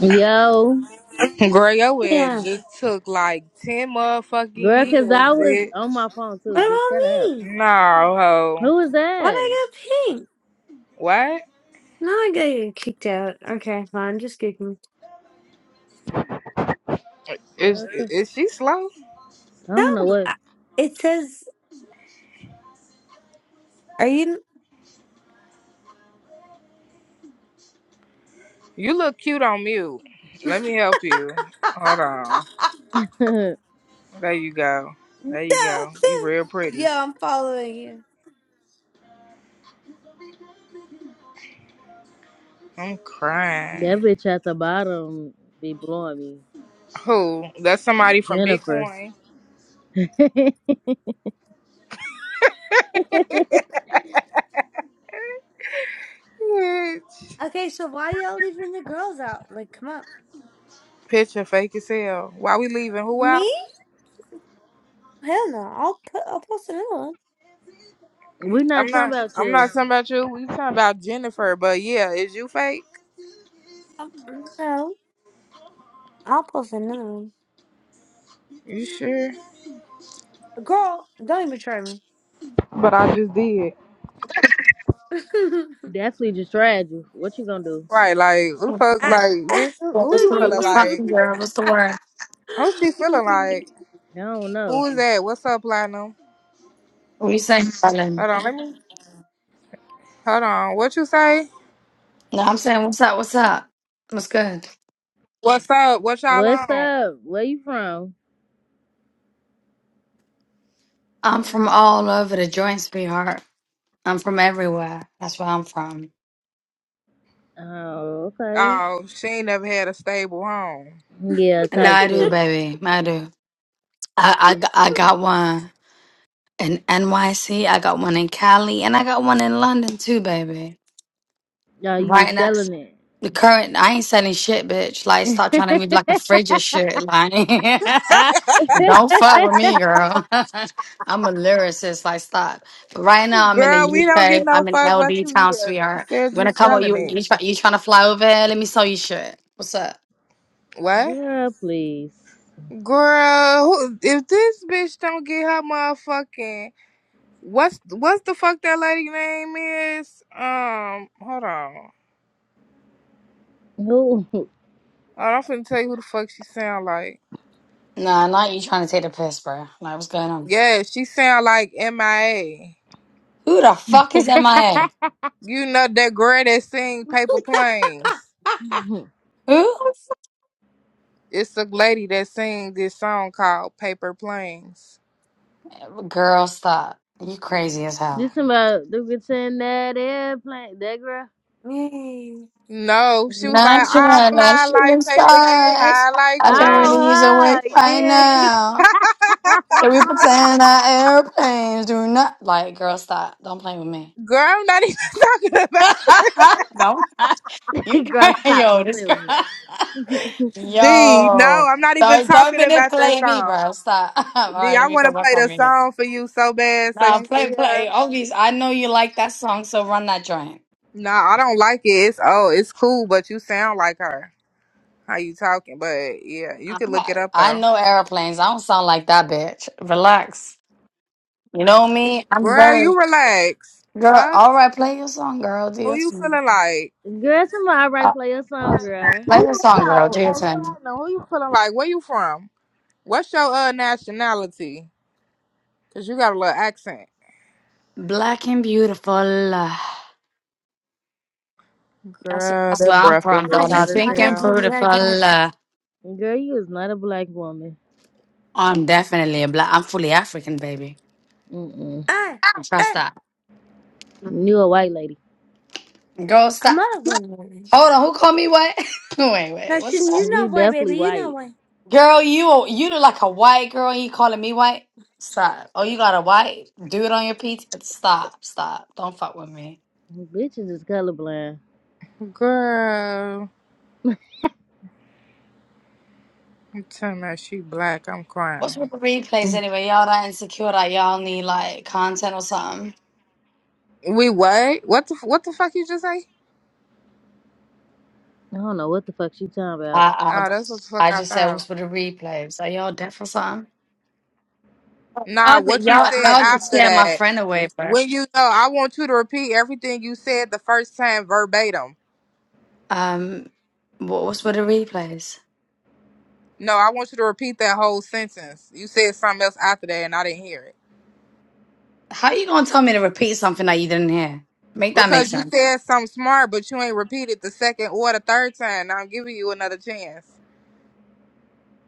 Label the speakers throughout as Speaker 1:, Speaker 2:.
Speaker 1: Yo,
Speaker 2: Girl, your ass
Speaker 3: Yeah.
Speaker 2: just took like 10 motherfucking
Speaker 1: girl, cause
Speaker 2: years,
Speaker 1: I was
Speaker 2: bitch.
Speaker 1: on my phone
Speaker 3: What
Speaker 1: too, bitch. Shut up.
Speaker 3: about me?
Speaker 2: No, ho.
Speaker 1: Who was
Speaker 3: Why'd
Speaker 1: that?
Speaker 3: I get pink?
Speaker 2: What?
Speaker 3: Now I got you kicked out. Okay, fine. Just kick me.
Speaker 2: Is,
Speaker 1: Girl, the-
Speaker 2: is she slow?
Speaker 1: I
Speaker 3: No,
Speaker 1: don't know
Speaker 3: but
Speaker 1: what.
Speaker 3: I- it says, are you?
Speaker 2: You look cute on mute.
Speaker 3: no.
Speaker 2: Let me help you. Hold on.
Speaker 1: that
Speaker 2: There you go. There you go. You real pretty.
Speaker 3: yeah, I'm following you.
Speaker 2: I'm crying.
Speaker 1: bitch at the bottom be blowing me.
Speaker 2: Who? That's somebody from
Speaker 1: Jennifer.
Speaker 2: Bitcoin.
Speaker 1: we
Speaker 2: Bitch.
Speaker 3: Okay, so why y'all leaving the girls out? Like, come on.
Speaker 2: Picture fake as hell. Why we leaving? Who out?
Speaker 3: Me? Hell no. I'll put. I'll post another one.
Speaker 2: I'm
Speaker 1: not talking
Speaker 2: not.
Speaker 1: about
Speaker 2: I'm not
Speaker 1: you.
Speaker 2: talking about you. We talking about Jennifer. But yeah, is you fake?
Speaker 3: Um, no, I'll post another one.
Speaker 2: You sure?
Speaker 3: Girl, don't even try me.
Speaker 2: But I just did.
Speaker 1: Definitely just tried you. What you gonna do?
Speaker 2: Right, like who the
Speaker 4: What
Speaker 2: fuck, like
Speaker 3: I-
Speaker 2: bitch, who who
Speaker 4: What's the
Speaker 2: you feeling
Speaker 4: what's up,
Speaker 2: like?
Speaker 4: girl? What's the word?
Speaker 2: Who she feeling like?
Speaker 1: I don't know.
Speaker 2: Who is that? What's up, Platinum?
Speaker 4: What you saying, darling?
Speaker 2: Hold on, let me. Hold on, what you say?
Speaker 4: No, I'm saying what's up, what's up? What's good?
Speaker 2: What's up? What y'all
Speaker 1: What's
Speaker 2: on?
Speaker 1: up? Where you from?
Speaker 4: I'm from all over the joint, sweetheart. I'm from everywhere. That's where I'm from.
Speaker 1: Oh, okay.
Speaker 2: Oh, she ain't never had a stable home.
Speaker 1: Yeah,
Speaker 4: And now
Speaker 1: type
Speaker 4: I do,
Speaker 1: shit.
Speaker 4: baby. I do. I, I, got- I got one in NYC, I got one in Cali, and I got one in London too, baby.
Speaker 1: No, you be
Speaker 4: Right now.
Speaker 1: selling it.
Speaker 4: The current, I ain't selling shit, bitch. Like, stop trying to move like a fridge or shit. Like, don't fuck with me, girl. I'm a lyricist. Like, stop. But right now, I'm in
Speaker 2: Girl,
Speaker 4: the
Speaker 2: we don't get
Speaker 4: UK.
Speaker 2: no
Speaker 4: I'm in
Speaker 2: fuck what
Speaker 4: LD
Speaker 2: you
Speaker 4: town,
Speaker 2: hear. You
Speaker 4: sweetheart.
Speaker 2: said
Speaker 4: You
Speaker 2: you
Speaker 4: wanna come or
Speaker 2: selling
Speaker 4: you
Speaker 2: it.
Speaker 4: you, try, you trying to fly over here? Let me sell you shit. What's up?
Speaker 2: What?
Speaker 1: Girl, please.
Speaker 2: Girl, who, if this bitch don't get her motherfucking what's what's the fuck that lady name is? Um, hold on.
Speaker 1: Who?
Speaker 2: Oh, I'm finna tell you who the fuck she sound like.
Speaker 4: Nah, not you trying to take the piss, bro. Like, what's going on?
Speaker 2: Yeah, she sound like MIA.
Speaker 4: Who the fuck is MIA?
Speaker 2: You know that girl that sing Paper Planes.
Speaker 4: Who?
Speaker 2: It's a lady that sing this song called Paper Planes.
Speaker 4: Girl, stop. You crazy as hell.
Speaker 1: This about the bitch in that airplane, that girl.
Speaker 3: Me.
Speaker 2: No, she was like,
Speaker 4: Not sure.
Speaker 2: I
Speaker 4: Not
Speaker 2: fly
Speaker 4: shooting
Speaker 2: like paper, get
Speaker 4: stars.
Speaker 2: high like
Speaker 4: I can
Speaker 2: plane.
Speaker 4: really use a word
Speaker 1: Oh, her.
Speaker 4: right
Speaker 1: yeah, she.
Speaker 4: now. Can we pretend our airplanes do not? Like, girl, stop. Don't play with me.
Speaker 2: Girl, I'm not even talking about
Speaker 4: Don't. You,
Speaker 1: girl, stop!
Speaker 4: yo,
Speaker 1: Don't
Speaker 4: this
Speaker 1: play
Speaker 4: girl.
Speaker 1: with
Speaker 2: G.
Speaker 4: Yo.
Speaker 2: No, I'm not even
Speaker 4: Don't, don't
Speaker 2: talking about that
Speaker 4: manipulate me,
Speaker 2: song.
Speaker 4: bro. Stop. All
Speaker 2: G,
Speaker 4: right, let
Speaker 2: I
Speaker 4: me
Speaker 2: want
Speaker 4: go
Speaker 2: to
Speaker 4: back
Speaker 2: play
Speaker 4: on
Speaker 2: the
Speaker 4: me.
Speaker 2: song for you so bad so
Speaker 4: No,
Speaker 2: you can
Speaker 4: play, play.
Speaker 2: hear.
Speaker 4: Obvious. I know you like that song, so run that joint.
Speaker 2: No, I don't like it. It's oh, it's cool, but you sound like her. how you talking, but yeah, you can
Speaker 4: I'm
Speaker 2: look it
Speaker 4: not-
Speaker 2: up
Speaker 4: I
Speaker 2: though.
Speaker 4: know airplanes. I don't sound like that bitch. Relax. You know me? I'm
Speaker 2: Girl,
Speaker 4: very
Speaker 2: you relax.
Speaker 4: Girl,
Speaker 2: Fuck.
Speaker 4: all right, play your song, girl. Do
Speaker 2: Who
Speaker 4: your
Speaker 2: you
Speaker 4: thing.
Speaker 2: feeling like?
Speaker 1: me. Girl, somebody right
Speaker 4: Uh,
Speaker 1: play your song, girl.
Speaker 2: Who
Speaker 4: play your
Speaker 2: you hold
Speaker 4: song, girl.
Speaker 2: on,
Speaker 4: Do your
Speaker 2: uh,
Speaker 4: thing.
Speaker 2: Platinum, Who you feeling like? Where you from? What's your uh nationality? Cause you got a little accent.
Speaker 4: Black and beautiful. uh, That's,
Speaker 2: Girl,
Speaker 4: that's where
Speaker 2: that
Speaker 4: I'm
Speaker 2: breath was
Speaker 4: from,
Speaker 3: I
Speaker 2: as
Speaker 4: darling.
Speaker 2: hot
Speaker 3: just
Speaker 2: as
Speaker 4: Pink
Speaker 3: wanna
Speaker 4: and
Speaker 3: be
Speaker 2: hell.
Speaker 3: your
Speaker 4: beautiful.
Speaker 3: daughter.
Speaker 4: uh,
Speaker 1: Girl, you is not a black woman.
Speaker 4: I'm definitely a black. I'm fully African, baby.
Speaker 1: Mm-mm.
Speaker 3: Hey,
Speaker 4: Trust
Speaker 3: hey,
Speaker 4: that.
Speaker 1: You a white lady.
Speaker 4: Girl,
Speaker 3: I'm
Speaker 4: stop.
Speaker 3: not a woman.
Speaker 4: Hold on. Who called me white? wait, wait.
Speaker 3: No, she,
Speaker 4: What's that?
Speaker 3: you know
Speaker 1: You
Speaker 3: what,
Speaker 1: definitely
Speaker 3: baby? You know
Speaker 1: white.
Speaker 3: what?
Speaker 4: Girl, you you look like a white girl. and You calling me white? Stop. Oh, you got a white dude on your pizza? Stop. Stop. Don't fuck with me.
Speaker 1: Bitches is colorblind.
Speaker 2: Girl, you telling me she black? I'm
Speaker 4: What's
Speaker 2: crying.
Speaker 4: with the replays
Speaker 1: Mm.
Speaker 4: anyway? Y'all that insecure that y'all need like content or something.
Speaker 2: We what? What the what the fuck you just say?
Speaker 1: I don't know what the fuck she talking about.
Speaker 4: I
Speaker 2: Oh, that's what the
Speaker 4: I,
Speaker 2: fuck
Speaker 4: I
Speaker 2: I
Speaker 4: just said
Speaker 2: thought.
Speaker 4: what's with the replays? Are y'all deaf or something?
Speaker 2: Nah,
Speaker 4: Oh, but
Speaker 2: what you
Speaker 4: y'all
Speaker 2: said
Speaker 4: y'all just
Speaker 2: after
Speaker 4: scared my
Speaker 2: that?
Speaker 4: friend away, bro.
Speaker 2: When you know, I want you to repeat everything you said the first time verbatim.
Speaker 4: Um, what, what's with the replays?
Speaker 2: No, I want you to repeat that whole sentence. You said something else after that, and I didn't hear it
Speaker 4: How you gonna tell me to repeat something that you didn't hear? Make that make
Speaker 2: because you
Speaker 4: sense.
Speaker 2: said something smart, but you ain't repeated the second or the third time. Now I'm giving you another chance.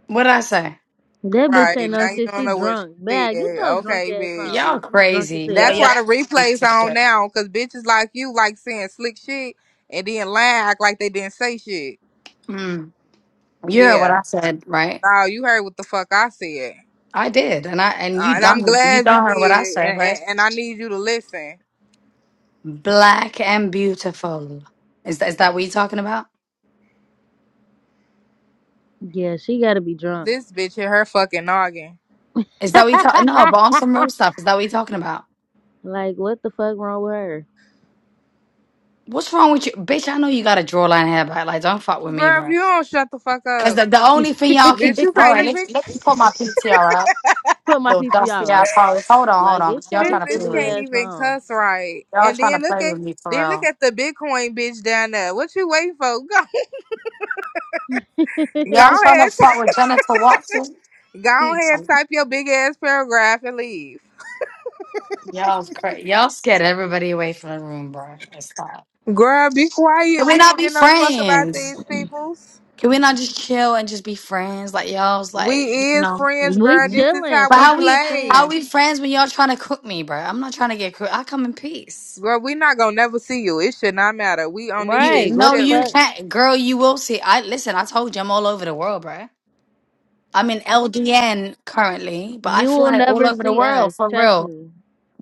Speaker 4: What did I say?
Speaker 1: That bitch
Speaker 2: Right
Speaker 1: ain't no
Speaker 2: now, you
Speaker 1: shit.
Speaker 2: don't
Speaker 1: She
Speaker 2: know what
Speaker 1: drunk.
Speaker 2: you
Speaker 1: Bad. Get
Speaker 2: said.
Speaker 1: your drunk
Speaker 2: Okay,
Speaker 1: ass
Speaker 2: bitch.
Speaker 1: on, bitch.
Speaker 4: Y'all
Speaker 1: You drunk as
Speaker 4: crazy. Y'all
Speaker 2: That's
Speaker 1: hell.
Speaker 4: y'all
Speaker 2: why the
Speaker 4: crazy.
Speaker 2: replays on
Speaker 4: insecure.
Speaker 2: now, cause bitches like you like saying slick shit and then lying, act like they didn't say shit.
Speaker 4: Mm. You heard what
Speaker 2: Yeah.
Speaker 4: I said, right?
Speaker 2: No, you heard what the fuck I said.
Speaker 4: I did, and I and
Speaker 2: Uh,
Speaker 4: you
Speaker 2: and I'm
Speaker 4: done you
Speaker 2: glad you
Speaker 4: done heard what I
Speaker 2: did.
Speaker 4: said,
Speaker 2: And,
Speaker 4: right?
Speaker 2: and, and I need you to listen.
Speaker 4: Black and beautiful. Is that is that what you talking about?
Speaker 1: Yeah, she gotta be drunk.
Speaker 2: This bitch hit her fucking noggin.
Speaker 4: Is that what you talking? No, but on some real stuff. Is that what you talking about?
Speaker 1: Like, what the fuck wrong with her?
Speaker 4: What's wrong with you, bitch? I know you got a jawline hair, but like, don't fuck with me,
Speaker 2: Girl, if
Speaker 4: bro.
Speaker 2: you don't shut the fuck
Speaker 4: Cause
Speaker 2: up,
Speaker 4: the, the only thing y'all can
Speaker 2: bitch,
Speaker 4: do.
Speaker 2: you
Speaker 4: All
Speaker 2: can't
Speaker 4: right,
Speaker 2: even.
Speaker 4: let's let me put my PTR out.
Speaker 1: Put my
Speaker 4: Little dusty
Speaker 1: PCR up.
Speaker 4: assholes. Hold on, hold
Speaker 1: Like,
Speaker 4: on.
Speaker 1: get
Speaker 4: Cause y'all
Speaker 1: your
Speaker 2: This
Speaker 4: trying to play
Speaker 2: bitch
Speaker 1: silly
Speaker 4: with me.
Speaker 2: can't
Speaker 1: ass
Speaker 2: even
Speaker 1: on.
Speaker 2: cuss right.
Speaker 4: Y'all
Speaker 2: And
Speaker 4: trying to
Speaker 2: then look
Speaker 4: play
Speaker 2: at
Speaker 4: with me for
Speaker 2: then look
Speaker 4: real.
Speaker 2: at the Bitcoin bitch down there. What you waiting for? Go go
Speaker 4: Y'all trying to
Speaker 2: ahead,
Speaker 4: fuck with Jennifer Watson.
Speaker 2: ty- go ahead,
Speaker 4: Mm.
Speaker 2: type your big ass paragraph and leave.
Speaker 4: Y'all, cra- y'all scared everybody away from the room, bro. Let's stop.
Speaker 2: Girl, be
Speaker 4: Can
Speaker 2: quiet.
Speaker 4: we
Speaker 2: We
Speaker 4: not
Speaker 2: don't
Speaker 4: be
Speaker 2: get no fuck about
Speaker 4: friends?
Speaker 2: these peoples.
Speaker 4: Can we not just chill and just be friends? Like y'all's like,
Speaker 2: We
Speaker 4: you
Speaker 2: is
Speaker 4: know.
Speaker 2: friends,
Speaker 1: we
Speaker 2: girl.
Speaker 4: Mhm.
Speaker 2: This is
Speaker 1: chilling.
Speaker 2: how
Speaker 4: But
Speaker 2: we
Speaker 1: Fuck
Speaker 4: how
Speaker 1: is you
Speaker 4: we how
Speaker 2: play.
Speaker 1: saying?
Speaker 4: we friends when y'all trying to cook me, bro? I'm not trying to get cooked. I come in peace.
Speaker 2: Girl, we not gonna never see you. It should not matter. We on this
Speaker 4: You
Speaker 1: Right.
Speaker 2: bitch
Speaker 1: What
Speaker 4: no,
Speaker 1: the
Speaker 4: you
Speaker 1: fuck?
Speaker 2: chilling.
Speaker 4: can't, girl. You will see. I listen. I told you, I'm all over the world, bro. I'm in LDN currently, but I
Speaker 1: You will
Speaker 4: fly all
Speaker 1: never
Speaker 4: over the
Speaker 1: see us.
Speaker 4: world for
Speaker 1: Trust
Speaker 4: real.
Speaker 1: me.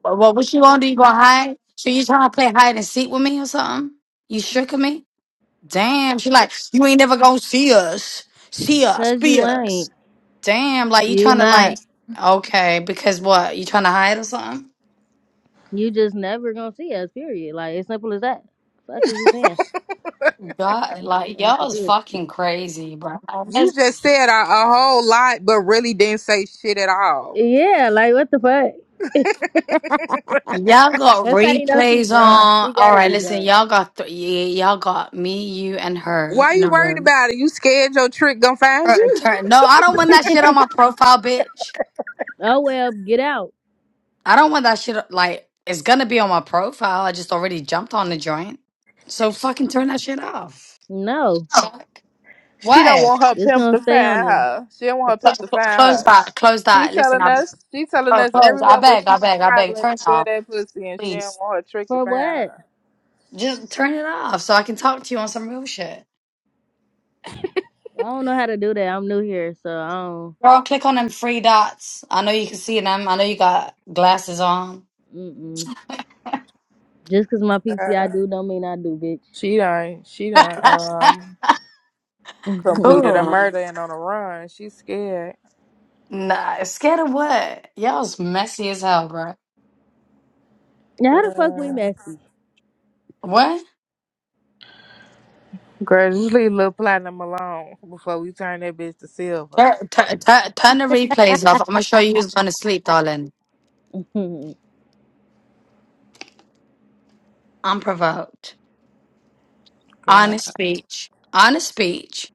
Speaker 4: But what, what you gonna do? You gonna hide? So you trying to play hide and seek with me or something? You shook me? Damn. She like you ain't never gonna see us. See us.
Speaker 1: Cause
Speaker 4: Be
Speaker 1: you
Speaker 4: us.
Speaker 1: ain't.
Speaker 4: Damn, like you
Speaker 1: You
Speaker 4: trying to
Speaker 1: not.
Speaker 4: like okay, because what? You trying to hide or something?
Speaker 1: You just never gonna see us. Period. Like, as simple as that. Fuck is you saying?
Speaker 4: God, like
Speaker 1: I'm
Speaker 4: y'all is
Speaker 1: confused.
Speaker 4: fucking crazy, bro.
Speaker 2: You just said a, a whole lot, but really didn't say shit at all.
Speaker 1: Yeah. Like, what the fuck?
Speaker 4: Y'all got
Speaker 1: That's how you know she
Speaker 4: replays
Speaker 1: drunk.
Speaker 4: on.
Speaker 1: She
Speaker 4: All
Speaker 1: gotta
Speaker 4: right,
Speaker 1: be
Speaker 4: listen,
Speaker 1: drunk.
Speaker 4: y'all got th- y- y'all got me, you, and her
Speaker 2: Why
Speaker 4: in
Speaker 2: you
Speaker 4: the
Speaker 2: worried
Speaker 4: room.
Speaker 2: about it? You scared your trick gonna find
Speaker 4: Her
Speaker 2: you?
Speaker 4: turn. No, I don't want that shit on my profile, bitch.
Speaker 1: Oh well, get out.
Speaker 4: I don't want that shit. Like it's gonna be on my profile. I just already jumped on the joint, so fucking turn that shit off.
Speaker 1: No,
Speaker 4: Fuck.
Speaker 2: She don't
Speaker 4: What?
Speaker 2: want her
Speaker 1: it's
Speaker 2: pimp
Speaker 1: gonna
Speaker 2: to
Speaker 1: stay on
Speaker 2: find
Speaker 1: there.
Speaker 2: her. She don't want her
Speaker 4: Cl-
Speaker 2: pimp to
Speaker 4: cl-
Speaker 2: find
Speaker 4: Close
Speaker 2: her.
Speaker 4: that. Close
Speaker 2: She
Speaker 4: that. Listen,
Speaker 2: telling
Speaker 4: I.
Speaker 2: us, she telling
Speaker 4: Oh,
Speaker 2: us
Speaker 4: close. I
Speaker 2: everywhere where
Speaker 4: beg,
Speaker 2: she
Speaker 4: I
Speaker 2: be
Speaker 4: beg, I beg.
Speaker 2: traveling
Speaker 4: Turn
Speaker 2: to
Speaker 4: it
Speaker 2: sell
Speaker 4: off,
Speaker 2: that pussy, and she don't
Speaker 4: please.
Speaker 2: want her trick to
Speaker 1: For
Speaker 2: find
Speaker 1: what?
Speaker 2: her.
Speaker 4: Just turn it off so I can talk to you on some real shit.
Speaker 1: I don't know how to do that. I'm new here, so I
Speaker 4: Girl, click on them three dots. I know you can see them. I know you got glasses on.
Speaker 1: don't. Mm-mm. Just cause my PTI
Speaker 2: Uh,
Speaker 1: do don't mean I do, bitch.
Speaker 2: she done, she done, um, completed a
Speaker 4: Cool.
Speaker 2: murder and on a run. She's scared.
Speaker 4: Nah, scared of what? Y'all's messy as hell, bro.
Speaker 1: Mhm. now how the fuck we messy?
Speaker 4: What?
Speaker 2: Girl, just leave Lil Platinum alone before we turn that bitch to silver.
Speaker 4: Tur- tur- tur- turn the replays off. I'm gonna show you who's gonna sleep, darling.
Speaker 1: Mhm.
Speaker 4: I'm provoked.
Speaker 2: Girl.
Speaker 4: Honest speech. Honest speech.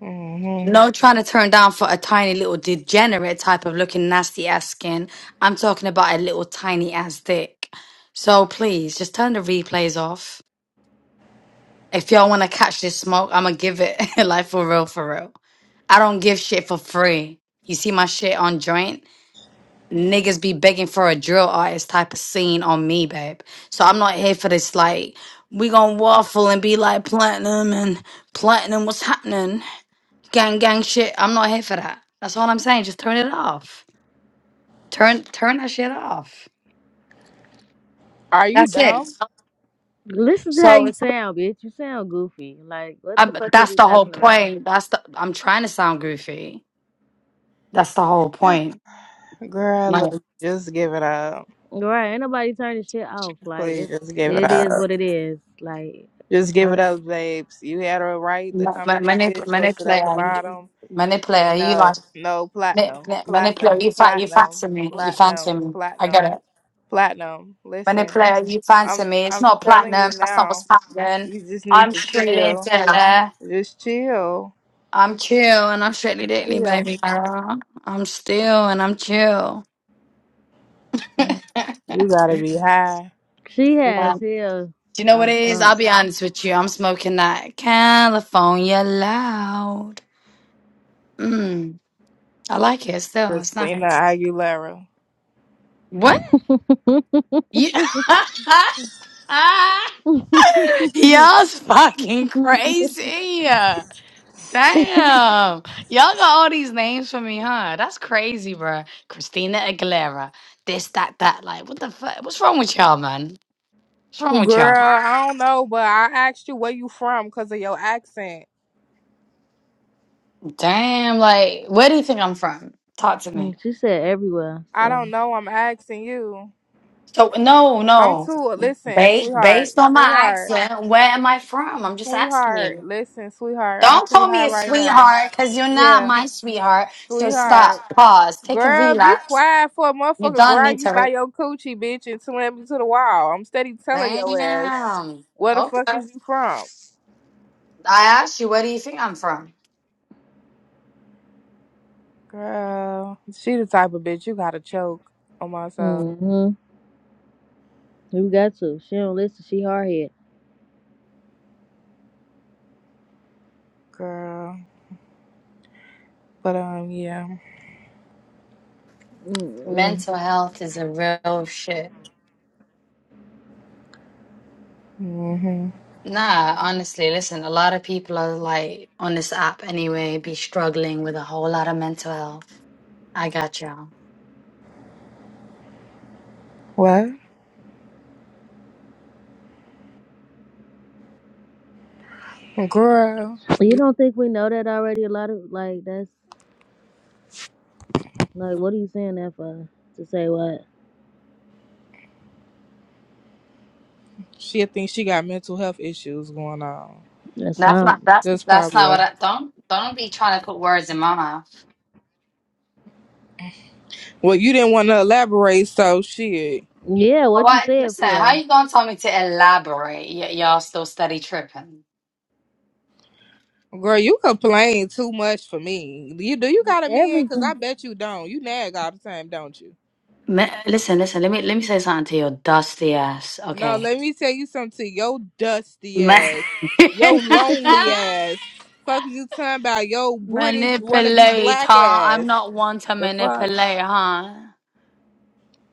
Speaker 2: hmm
Speaker 4: No trying to turn down for a tiny little degenerate type of looking nasty ass skin. I'm talking about a little tiny ass dick. So please just turn the replays off. If y'all want to catch this smoke, I'm going to give it like for real, for real. I don't give shit for free. You see my shit on joint? Niggas be begging for a drill artist type of scene on me, babe. So I'm not here for this, like, we gonna waffle and be like platinum and platinum, what's happening? Gang gang shit. I'm not here for that. That's all I'm saying. Just turn it off. Turn turn that shit off.
Speaker 2: Are you
Speaker 4: That's it.
Speaker 2: dumb?
Speaker 1: Listen to how
Speaker 4: So
Speaker 1: you
Speaker 4: it's,
Speaker 1: sound, bitch. You sound goofy. Like what the
Speaker 4: I'm,
Speaker 1: fuck is
Speaker 4: that's
Speaker 1: you
Speaker 4: the whole
Speaker 1: talking about?
Speaker 4: point. That's the I'm trying to sound goofy. That's the whole point.
Speaker 2: Girl,
Speaker 4: Like
Speaker 2: look, just give it up.
Speaker 1: Right? Ain't nobody turning shit off. Like
Speaker 2: Please,
Speaker 1: it's
Speaker 2: just give it
Speaker 1: it is
Speaker 2: up.
Speaker 1: what it is. Like
Speaker 2: Just give it
Speaker 1: what?
Speaker 2: up, babes. You had a right to
Speaker 4: ma-
Speaker 2: come
Speaker 4: ma-
Speaker 2: in this
Speaker 4: manip-
Speaker 2: bitch or sit at the
Speaker 4: manipulator, you-
Speaker 2: bottom.
Speaker 4: manipulator.
Speaker 2: And
Speaker 4: You like
Speaker 2: no, no,
Speaker 4: mani-
Speaker 2: platinum,
Speaker 4: mani- manipulator.
Speaker 2: platinum,
Speaker 4: You fa- you
Speaker 2: platinum,
Speaker 4: fancy me. You fancy
Speaker 2: platinum,
Speaker 4: me. I get
Speaker 2: platinum,
Speaker 4: it.
Speaker 2: platinum. Listen,
Speaker 4: Manipulator, you fancy
Speaker 2: I'm
Speaker 4: me. It's
Speaker 2: I'm
Speaker 4: not
Speaker 2: telling
Speaker 4: platinum.
Speaker 2: you
Speaker 4: That's not what's
Speaker 2: now,
Speaker 4: happening.
Speaker 2: you just need
Speaker 4: I'm
Speaker 2: to
Speaker 4: strictly
Speaker 2: chill.
Speaker 4: into it.
Speaker 2: Just chill.
Speaker 4: I'm chill and I'm strictly dickly,
Speaker 2: Chill.
Speaker 4: baby girl. I'm still and I'm chill.
Speaker 2: You gotta be high.
Speaker 1: She
Speaker 4: Yeah.
Speaker 1: has
Speaker 4: Do
Speaker 1: hell
Speaker 4: you know what
Speaker 1: off
Speaker 4: it is? I'll
Speaker 1: something.
Speaker 4: be honest with you. I'm smoking that California loud. Mm, I like it still. It's
Speaker 2: Christina
Speaker 4: nice.
Speaker 2: Aguilera.
Speaker 4: What? You- Y'all's fucking crazy. Damn. Y'all got all these names for me, huh? That's crazy, bruh. Christina Aguilera. This, that, that. Like, what the fuck? What's wrong with y'all, man? What's wrong with y'all?
Speaker 2: Girl, I don't know, but I asked you where you from because of your accent.
Speaker 4: Damn, like where do you think I'm from? Talk to me.
Speaker 1: she said everywhere.
Speaker 2: I
Speaker 1: So.
Speaker 2: don't know. I'm asking you.
Speaker 4: So no,
Speaker 2: I'm
Speaker 4: no.
Speaker 2: too. Listen,
Speaker 4: Based
Speaker 2: sweetheart,
Speaker 4: based on my
Speaker 2: sweetheart,
Speaker 4: accent, where am I from? I'm just asking
Speaker 2: sweetheart.
Speaker 4: you.
Speaker 2: Listen, sweetheart. I'm
Speaker 4: Don't
Speaker 2: too
Speaker 4: call me
Speaker 2: high
Speaker 4: a
Speaker 2: right now.
Speaker 4: sweetheart, cause you're not
Speaker 2: Yeah,
Speaker 4: my sweetheart. So
Speaker 2: sweetheart.
Speaker 4: stop, pause, take a
Speaker 2: Girl, be
Speaker 4: relapse.
Speaker 2: quiet for a
Speaker 4: You
Speaker 2: motherfucker.
Speaker 4: don't
Speaker 2: Grab
Speaker 4: need
Speaker 2: you
Speaker 4: to.
Speaker 2: by
Speaker 4: Re-
Speaker 2: your coochie, bitch, and slam you to the wall. I'm steady telling your ass
Speaker 4: Damn.
Speaker 2: where the
Speaker 4: Okay.
Speaker 2: fuck is you from,
Speaker 4: I asked you, where do you think I'm from?
Speaker 2: girl. She the type of bitch you gotta choke on my soul,
Speaker 1: hmm You got to. She don't listen. She hard head.
Speaker 2: girl. But um, yeah.
Speaker 1: Mm-mm.
Speaker 4: Mental health is a real shit.
Speaker 2: hmm
Speaker 4: Nah, honestly, listen, a lot of people are like on this app anyway, be struggling with a whole lot of mental health. I got y'all.
Speaker 2: What? Girl,
Speaker 1: You don't think we know that already? A lot of like that's like what are you saying that for? To say what?
Speaker 2: she think she got mental health issues going on.
Speaker 1: That's
Speaker 4: That's not
Speaker 1: something.
Speaker 4: that's
Speaker 2: That's
Speaker 4: that's
Speaker 2: probably
Speaker 4: not
Speaker 2: a.
Speaker 4: what I don't don't be trying to put words in my mouth.
Speaker 2: Well, you didn't want to elaborate, so shit.
Speaker 1: Yeah, what you
Speaker 4: What
Speaker 1: said
Speaker 4: listen, how
Speaker 1: for?
Speaker 4: you gonna tell me to elaborate? Y- y'all still study tripping.
Speaker 2: Girl, you complain too much for me. Do you do you got a man? Cause I
Speaker 1: Everything.
Speaker 2: bet you don't. You nag all the time, don't you?
Speaker 4: Ma- listen, listen, let me let me say something to your dusty ass,
Speaker 2: No,
Speaker 4: okay?
Speaker 2: let me tell you something. Your dusty
Speaker 4: Ma-
Speaker 2: ass, your lonely ass. Fuck you talking about your British wanna be
Speaker 4: manipulate,
Speaker 2: black
Speaker 4: huh? I'm
Speaker 2: ass.
Speaker 4: not one to
Speaker 2: The fuck,
Speaker 4: manipulate, huh?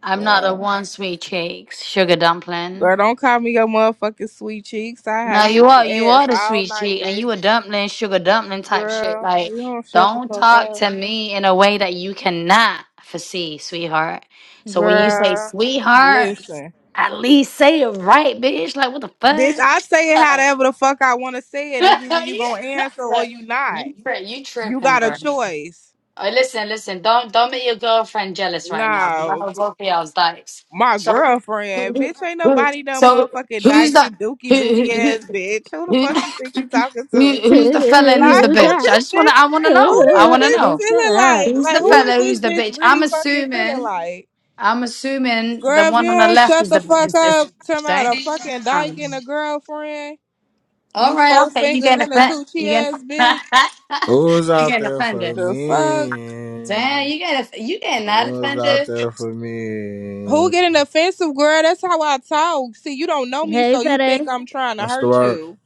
Speaker 4: I'm not
Speaker 2: girl.
Speaker 4: the one sweet cheeks, sugar dumpling.
Speaker 2: Girl, don't call me your motherfucking sweet cheeks. I had
Speaker 4: No, you
Speaker 2: you
Speaker 4: are
Speaker 2: eating
Speaker 4: you
Speaker 2: ass
Speaker 4: are the
Speaker 2: all
Speaker 4: sweet
Speaker 2: night,
Speaker 4: cheek, and you
Speaker 2: bitch.
Speaker 4: a dumpling, sugar dumpling type shit.
Speaker 2: Girl,
Speaker 4: Like,
Speaker 2: you don't shut the
Speaker 4: don't
Speaker 2: fuck
Speaker 4: talk
Speaker 2: up.
Speaker 4: to me in a way that you cannot foresee, sweetheart. So when you say
Speaker 2: Girl,
Speaker 4: sweetheart,
Speaker 2: listen.
Speaker 4: at least say it right, bitch. Like, what the
Speaker 2: Bitch, I say it
Speaker 4: fuck?
Speaker 2: however the fuck I want to say it. It's either you
Speaker 4: You,
Speaker 2: gonna answer or
Speaker 4: Look,
Speaker 2: you not.
Speaker 4: you tri- you
Speaker 2: You
Speaker 4: tripping,
Speaker 2: got a
Speaker 4: bro?
Speaker 2: choice.
Speaker 4: Oh, listen, listen. Don't don't make your girlfriend jealous right now. 'cause I
Speaker 2: Nah,
Speaker 4: know both
Speaker 2: gr-
Speaker 4: of y'all's dykes.
Speaker 2: my
Speaker 4: So
Speaker 2: girlfriend. Bitch, ain't nobody no
Speaker 4: so
Speaker 2: motherfucking
Speaker 4: who's
Speaker 2: dyke
Speaker 4: the
Speaker 2: and
Speaker 4: who
Speaker 2: dookie booty
Speaker 4: who who?
Speaker 2: ass bitch. Who the
Speaker 4: who?
Speaker 2: fuck you think you talking
Speaker 4: Who,
Speaker 2: to?
Speaker 4: who's the fella and who's the
Speaker 2: Like who
Speaker 4: bitch?
Speaker 1: that.
Speaker 4: I
Speaker 2: this
Speaker 4: just wanna
Speaker 2: bitch?
Speaker 4: I wanna
Speaker 2: Who
Speaker 4: know. I
Speaker 2: this
Speaker 4: wanna
Speaker 2: bitch
Speaker 4: know.
Speaker 1: Bitch, shut
Speaker 2: feeling
Speaker 1: up.
Speaker 2: like?
Speaker 4: Who's
Speaker 2: Like
Speaker 4: the
Speaker 2: who
Speaker 1: Bitch.
Speaker 2: is
Speaker 4: fella,
Speaker 2: this
Speaker 4: who's the
Speaker 2: bitch
Speaker 4: bitch? I'm
Speaker 2: really fucking feeling
Speaker 4: assuming
Speaker 2: like?
Speaker 4: I'm assuming the
Speaker 2: Girl, if you
Speaker 4: one on the
Speaker 2: don't
Speaker 4: left
Speaker 2: shut
Speaker 4: is
Speaker 2: the
Speaker 4: the
Speaker 2: fuck
Speaker 4: is is
Speaker 2: up, turn out a fucking dyke
Speaker 4: damn.
Speaker 2: and a girlfriend.
Speaker 4: All
Speaker 2: You
Speaker 4: right,
Speaker 2: four
Speaker 4: okay, you
Speaker 2: fingers
Speaker 4: getting
Speaker 2: in the
Speaker 4: offended.
Speaker 2: coochie
Speaker 4: You getting
Speaker 2: ass bitch.
Speaker 5: Who's
Speaker 4: you
Speaker 5: out
Speaker 4: getting
Speaker 5: there for
Speaker 4: offended.
Speaker 2: The fuck?
Speaker 5: me?
Speaker 4: Damn, you getting you getting not
Speaker 5: Who's out
Speaker 4: offended.
Speaker 5: there for
Speaker 2: Who
Speaker 5: me?
Speaker 2: getting offensive, girl? That's how I talk. See, you don't know me,
Speaker 1: Hey,
Speaker 2: so you think
Speaker 1: Fede.
Speaker 2: I'm trying to
Speaker 5: What's the
Speaker 2: hurt
Speaker 5: word?
Speaker 2: you.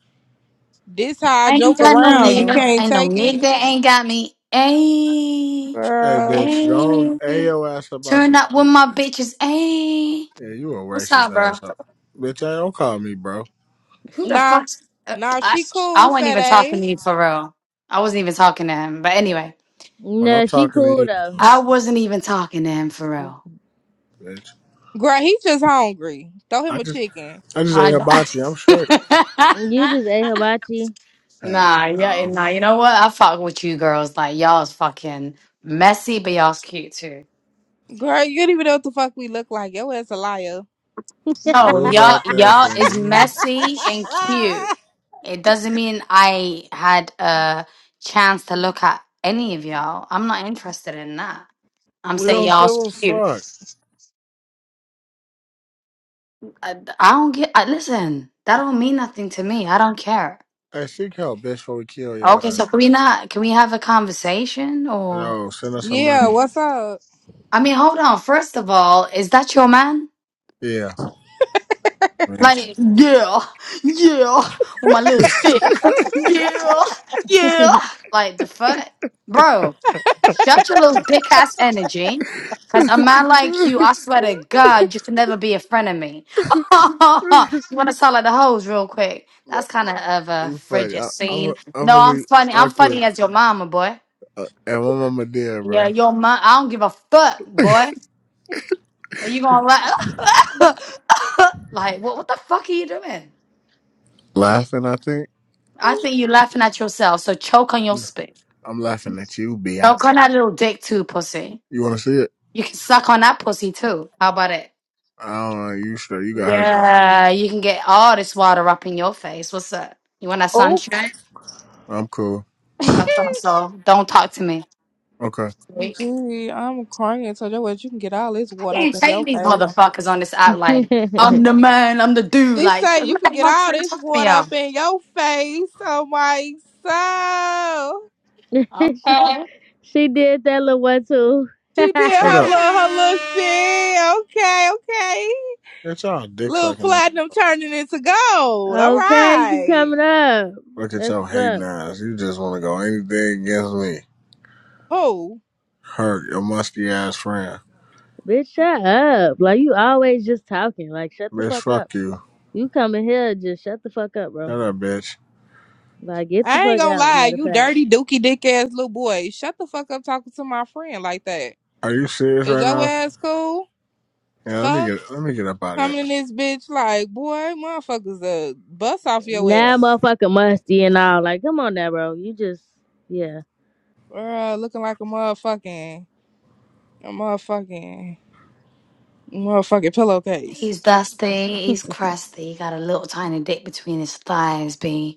Speaker 2: This how I
Speaker 4: I ain't
Speaker 2: joke
Speaker 4: got
Speaker 1: What you
Speaker 4: no
Speaker 2: around. You
Speaker 1: on?
Speaker 4: nigga.
Speaker 2: can't
Speaker 4: Ain't no
Speaker 2: take
Speaker 4: nigga
Speaker 2: it,
Speaker 4: ain't got me. Ayy.
Speaker 5: Hey,
Speaker 2: girl.
Speaker 5: bitch, don't hey
Speaker 4: Ayy.
Speaker 5: your ass about
Speaker 4: Turn
Speaker 5: this
Speaker 4: up with
Speaker 5: bitch.
Speaker 4: my bitches. Ayy.
Speaker 5: Yeah, you a
Speaker 4: What's up,
Speaker 5: racist
Speaker 4: bro?
Speaker 5: ass up. Bitch, I don't call me, bro.
Speaker 4: Who the
Speaker 2: Nah,
Speaker 4: fuck? uh,
Speaker 2: nah,
Speaker 4: I,
Speaker 2: she
Speaker 4: I
Speaker 2: cool,
Speaker 4: wasn't
Speaker 2: fat
Speaker 4: even
Speaker 2: ass.
Speaker 4: talking to you for real. I wasn't even talking to him. But anyway,
Speaker 5: When I'm
Speaker 1: Nah, she
Speaker 5: talking to
Speaker 1: cool
Speaker 5: you,
Speaker 1: though.
Speaker 4: I wasn't even talking to him for
Speaker 1: You
Speaker 4: real.
Speaker 5: bitch.
Speaker 2: Girl, he just hungry. Throw him
Speaker 5: I
Speaker 2: a
Speaker 5: just
Speaker 2: chicken.
Speaker 5: I just ate
Speaker 4: I
Speaker 5: hibachi. I'm straight.
Speaker 1: just ate hibachi.
Speaker 5: Hell
Speaker 4: nah, yeah,
Speaker 5: no.
Speaker 4: nah. You know what? I fuck with you girls. Like y'all is fucking messy, but y'all's cute too.
Speaker 2: Girl, you don't even know what the fuck we look like. Yo ass a liar.
Speaker 4: No,
Speaker 5: Who's
Speaker 4: y'all,
Speaker 5: out there
Speaker 4: y'all
Speaker 5: for
Speaker 4: is
Speaker 5: me?
Speaker 4: messy and cute. It doesn't mean I had a chance to look at any of y'all. I'm not interested in that. I'm
Speaker 5: We
Speaker 4: saying
Speaker 5: don't give
Speaker 4: y'all's
Speaker 5: a
Speaker 4: cute.
Speaker 5: fuck.
Speaker 4: I, I don't get. I, listen, that don't mean nothing to me. I don't care.
Speaker 5: Hey, seek help, bitch, before we kill
Speaker 4: Okay,
Speaker 5: your ass.
Speaker 4: so can we not? Can we have a conversation? Or
Speaker 5: No, send us some
Speaker 2: Yeah,
Speaker 5: money.
Speaker 2: what's up?
Speaker 4: I mean, hold on. First of all, is that your man?
Speaker 5: Yeah, bitch.
Speaker 4: Like, yeah, yeah, with my little dick. Yeah, yeah. Like, the fuck? Bro, shut your little dick ass energy. Because a man like you, I swear to God, you can never be a friend of me. you want to sound like the hoes real quick? That's kind of of a
Speaker 5: You funny.
Speaker 4: frigid
Speaker 5: I, I'm,
Speaker 4: scene.
Speaker 5: I'm
Speaker 4: No, I'm
Speaker 5: really
Speaker 4: funny. I'm funny
Speaker 5: awkward.
Speaker 4: as your mama, boy.
Speaker 5: Uh, and my mama did,
Speaker 4: Yeah,
Speaker 5: bro?
Speaker 4: your mom. I don't give a fuck, boy. Are you going to let. like, what, what the fuck are you doing?
Speaker 5: Laughing, I think.
Speaker 4: I think you're laughing at yourself. So choke on your spit.
Speaker 5: I'm laughing at you,
Speaker 4: Choke
Speaker 5: biatch.
Speaker 4: on that little dick too, pussy.
Speaker 5: You want to see it?
Speaker 4: You can suck on that pussy too. How about it?
Speaker 5: I don't know. You sure you got herpes?
Speaker 4: Yeah, you can get all this water up in your face. What's up? You want that
Speaker 2: oh,
Speaker 4: sunshine?
Speaker 5: I'm cool.
Speaker 4: I
Speaker 2: Gee,
Speaker 4: thought so. Don't talk to me.
Speaker 5: Okay.
Speaker 4: Weak.
Speaker 2: I'm crying. So your ass, you can get all this
Speaker 4: I
Speaker 2: water up
Speaker 4: can't
Speaker 2: in
Speaker 4: take
Speaker 2: your
Speaker 4: these
Speaker 2: face.
Speaker 4: motherfuckers on this app like I'm the man, I'm the dude.
Speaker 2: She
Speaker 4: Like
Speaker 2: said
Speaker 4: who
Speaker 2: you could
Speaker 4: the
Speaker 2: get
Speaker 4: fuck's
Speaker 2: all
Speaker 4: gonna
Speaker 2: this
Speaker 4: talk to me
Speaker 2: water
Speaker 4: out?
Speaker 2: up in your face. Oh my soul.
Speaker 4: Okay.
Speaker 1: she did that little one too.
Speaker 2: She did
Speaker 5: Shut
Speaker 2: her
Speaker 5: up.
Speaker 2: little her little shit. Okay, okay.
Speaker 5: It's y'all dick
Speaker 2: Little
Speaker 5: sucking out.
Speaker 2: platinum turning into gold. All
Speaker 1: Okay, you
Speaker 2: right.
Speaker 1: coming up.
Speaker 5: Look at
Speaker 1: That's
Speaker 5: y'all
Speaker 1: what's
Speaker 5: hating
Speaker 1: up.
Speaker 5: ass. You just want to go anything against me.
Speaker 2: who?
Speaker 5: Hurt your musty ass friend.
Speaker 1: Bitch, shut up. Like, you always just talking. Like, shut the
Speaker 5: Bitch,
Speaker 1: fuck up.
Speaker 5: fuck you.
Speaker 1: You coming here, just shut the fuck up, bro.
Speaker 5: Shut up, bitch.
Speaker 1: Like, get the
Speaker 2: I ain't
Speaker 1: fuck
Speaker 2: gonna
Speaker 1: out,
Speaker 2: lie,
Speaker 1: matter of
Speaker 2: you
Speaker 1: fact.
Speaker 2: dirty dookie dick ass little boy. Shut the fuck up talking to my friend like that.
Speaker 5: Are you serious
Speaker 2: Is
Speaker 5: right
Speaker 2: your
Speaker 5: now?
Speaker 2: ass cool?
Speaker 5: Yeah, let me
Speaker 2: Fuck.
Speaker 5: get let me get up out of
Speaker 2: Coming in
Speaker 5: here.
Speaker 2: this bitch like, boy, motherfuckers uh bust off your
Speaker 1: Now,
Speaker 2: ass.
Speaker 1: motherfucker, musty and all. Like, come on now, bro. You just, yeah.
Speaker 2: girl. looking like a motherfucking a motherfucking motherfucking pillowcase.
Speaker 4: He's dusty, he's crusty, he got a little tiny dick between his thighs, B.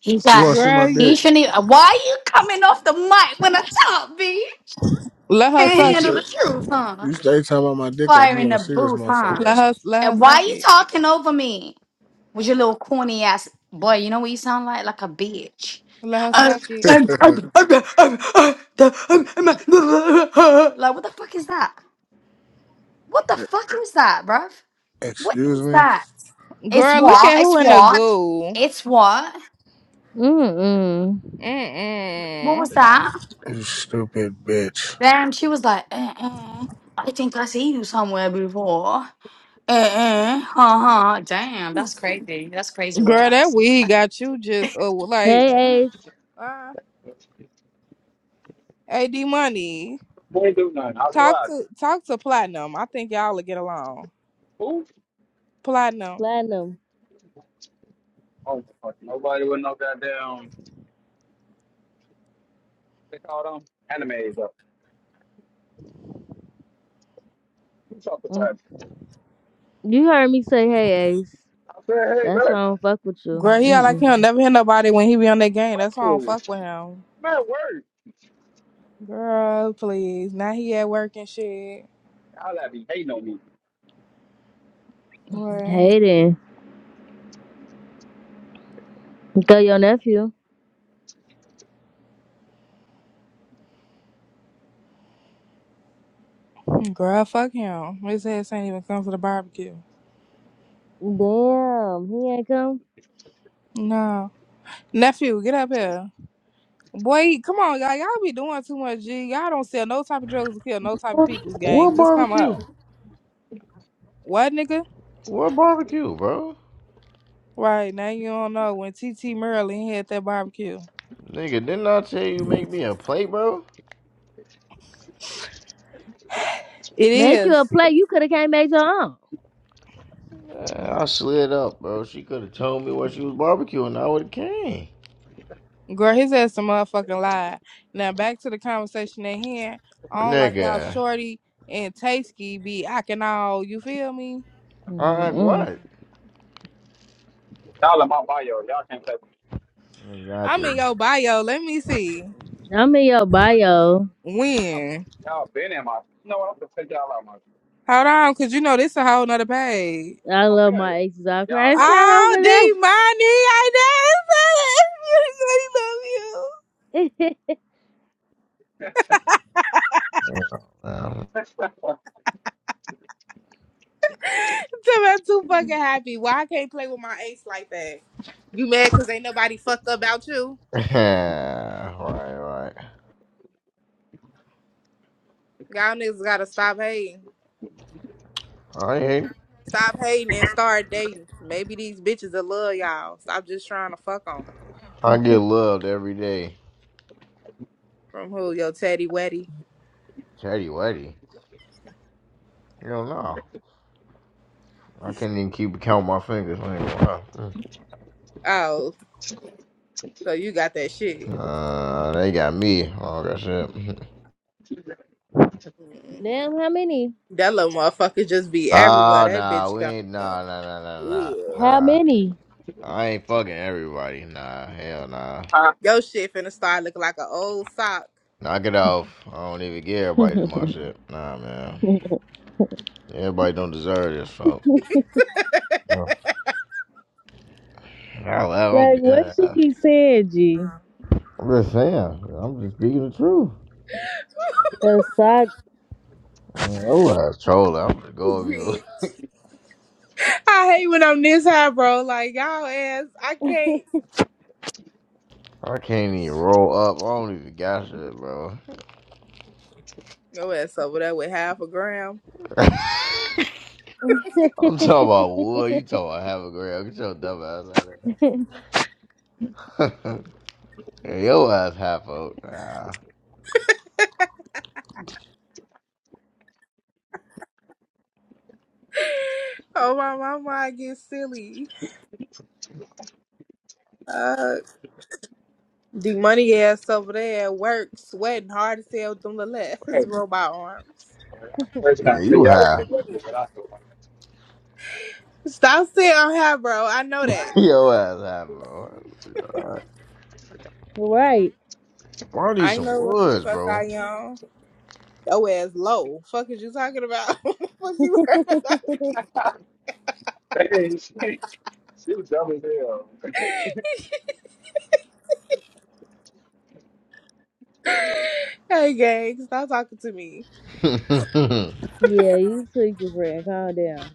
Speaker 4: He
Speaker 5: You
Speaker 4: got.
Speaker 5: want to see my
Speaker 2: Girl,
Speaker 4: He
Speaker 5: dick?
Speaker 2: you-
Speaker 4: shouldn't even. Why are you coming off the mic when I talk, B?
Speaker 2: let her
Speaker 5: Cause
Speaker 4: Can't
Speaker 5: you
Speaker 2: suck
Speaker 4: handle
Speaker 5: said
Speaker 4: the
Speaker 2: it.
Speaker 4: truth, huh?
Speaker 5: You stay talking about my dick like
Speaker 4: Fire
Speaker 5: you
Speaker 4: in
Speaker 5: want to
Speaker 4: the
Speaker 5: see this
Speaker 4: booth, huh?
Speaker 5: motherfucker or
Speaker 2: Let her let her
Speaker 4: And why
Speaker 2: suck
Speaker 4: you
Speaker 2: it.
Speaker 4: talking over me with your little corny ass boy? You know what you sound like? Like a bitch.
Speaker 2: Let her
Speaker 4: Uh,
Speaker 2: suck it.
Speaker 4: um, um,
Speaker 5: something.
Speaker 4: um, um, uh, the- um, um, uh, Like what the fuck is that? What the fuck is that, bruv? What
Speaker 5: Excuse
Speaker 4: is
Speaker 5: me?
Speaker 4: that? It's
Speaker 2: Girl, look
Speaker 4: what?
Speaker 2: at who
Speaker 4: It's
Speaker 2: in the
Speaker 4: what?
Speaker 2: goo.
Speaker 4: It's what?
Speaker 1: Mm-mm.
Speaker 4: What
Speaker 2: Mm
Speaker 4: was
Speaker 2: mm.
Speaker 4: that?
Speaker 5: You stupid bitch.
Speaker 4: Damn, she was like, uh-uh, I think I see you somewhere before. Uh-uh, uh-huh. Damn, that's crazy. That's crazy
Speaker 2: Girl,
Speaker 4: work.
Speaker 2: that weed got you just uh, like.
Speaker 1: Hey, Ace.
Speaker 2: uh Hey, D Money,
Speaker 6: We ain't do nothing. I
Speaker 2: talk
Speaker 6: swear.
Speaker 2: to talk to Platinum. I think y'all will get along.
Speaker 6: Who?
Speaker 2: Platinum,
Speaker 1: Platinum.
Speaker 6: Oh, my fuck. Nobody with no goddamn. They call them animes up. You talk to
Speaker 1: Mm.
Speaker 6: her.
Speaker 1: You heard me say, hey, Ace.
Speaker 6: I said, hey,
Speaker 1: That's
Speaker 6: bro.
Speaker 1: why I don't fuck with you.
Speaker 2: girl, he all like
Speaker 1: Mm-mm.
Speaker 2: him. Never hit nobody when he be on that game. That's why I
Speaker 6: Oh,
Speaker 2: don't fuck
Speaker 6: I'm
Speaker 2: with him.
Speaker 6: at work.
Speaker 2: Girl, please. Now he at work and shit.
Speaker 6: Y'all that be hating on me.
Speaker 2: Boy,
Speaker 1: Hey, then. Go your nephew.
Speaker 2: girl, fuck him. His ass ain't even come to the barbecue.
Speaker 1: Damn, he ain't come.
Speaker 2: No, nephew, get up here. Boy, come on, y'all. Y'all be doing too much. G, y'all don't sell no type of drugs to kill no type of people's gang.
Speaker 7: What
Speaker 2: Just come
Speaker 7: barbecue?
Speaker 2: up. What, nigga?
Speaker 7: What barbecue, bro?
Speaker 2: Right now you don't know when T T Merlin had that barbecue.
Speaker 7: Nigga, didn't I tell you make me a plate, bro?
Speaker 2: It
Speaker 1: Make you a
Speaker 2: is.
Speaker 1: play. You could have came made your own.
Speaker 7: Yeah, I slid up, bro. She could have told me what she was barbecuing. I would have came.
Speaker 2: Girl, his ass a motherfucking lie. Now back to the conversation at hand. I don't like how
Speaker 7: Nigga.
Speaker 2: Shorty and Tasty be acting all, you feel me?
Speaker 7: I'm like,
Speaker 1: Mm-mm.
Speaker 7: what?
Speaker 6: Y'all in my bio. Y'all can't play with me.
Speaker 2: I'm
Speaker 7: Exactly.
Speaker 2: in your bio. Let me see.
Speaker 1: I'm in your bio.
Speaker 6: Y'all
Speaker 2: When?
Speaker 6: been in my. You know what? I'm gonna take y'all out my.
Speaker 2: Hold on, cause you know this a whole nother page.
Speaker 1: I love
Speaker 6: Okay.
Speaker 1: my exes. I
Speaker 6: Y'all
Speaker 1: crash right
Speaker 2: Oh,
Speaker 1: over
Speaker 2: D money, I know.
Speaker 1: that.
Speaker 6: know.
Speaker 7: Um,
Speaker 2: Tell me I'm too fucking happy. Why I can't play with my ace like that? You mad cause ain't nobody fucked up about you?
Speaker 7: right, right.
Speaker 2: Y'all niggas gotta stop hating.
Speaker 7: I ain't.
Speaker 2: Stop hating and start dating. Maybe these bitches will love y'all. Stop just trying to fuck on them.
Speaker 7: I get loved every day.
Speaker 2: From who? Your teddy weddy?
Speaker 7: Chatty, Weddy. You don't know. I can't even keep count my fingers. I
Speaker 2: Oh, so you got that shit.
Speaker 7: Uh, they got me. Oh, that's it.
Speaker 2: Mm.
Speaker 1: Damn, how many?
Speaker 2: That little motherfucker just be everywhere.
Speaker 7: Oh
Speaker 2: That
Speaker 7: nah,
Speaker 2: bitch
Speaker 7: we
Speaker 2: gone.
Speaker 7: ain't
Speaker 2: Yeah.
Speaker 7: nah nah nah nah nah
Speaker 1: How
Speaker 7: nah.
Speaker 1: many?
Speaker 7: I ain't fucking everybody. Nah, hell nah.
Speaker 6: Huh?
Speaker 2: Your shit finna start looking like an old sock.
Speaker 7: Knock it off. I don't even give
Speaker 1: like
Speaker 7: everybody my shit. Nah, man. Everybody don't deserve this, folk. Yeah. Oh, well, I'm,
Speaker 1: what she
Speaker 7: yeah.
Speaker 1: be saying, G?
Speaker 7: I'm just saying. I'm just speaking the truth.
Speaker 1: A sock.
Speaker 7: I mean, Oh, I was trolling. I'm gonna go over you.
Speaker 2: Gee. I hate when I'm this high, bro. Like y'all ass, I can't.
Speaker 7: I can't even roll up. I don't even got shit, bro.
Speaker 2: Your ass over there with half a gram.
Speaker 7: I'm talking about wood. You talking about half a gram? Get your dumb ass out of there. Hey, your ass half out. Nah.
Speaker 2: Oh my, mama, I get silly. Uh, The money ass over there at work sweating hard as hell with them little ass
Speaker 6: Wait.
Speaker 2: robot arms.
Speaker 6: First time,
Speaker 7: Yeah,
Speaker 6: three
Speaker 7: you
Speaker 6: y'all
Speaker 7: high.
Speaker 6: didn't work with what
Speaker 2: Stop saying I'm high, bro. I know that.
Speaker 7: Yo ass high, bro.
Speaker 1: right.
Speaker 7: Bro, I need
Speaker 2: I
Speaker 7: some
Speaker 2: know what the
Speaker 7: woods,
Speaker 2: fuck
Speaker 7: bro.
Speaker 2: I am. Yo ass low. Fuck is you talking about? fuck you worried about me?
Speaker 6: I do. Hey, she, she was dumb as hell.
Speaker 2: hey gang, stop talking to me.
Speaker 7: Tamir,
Speaker 1: yeah, you tweaking friend. Calm down.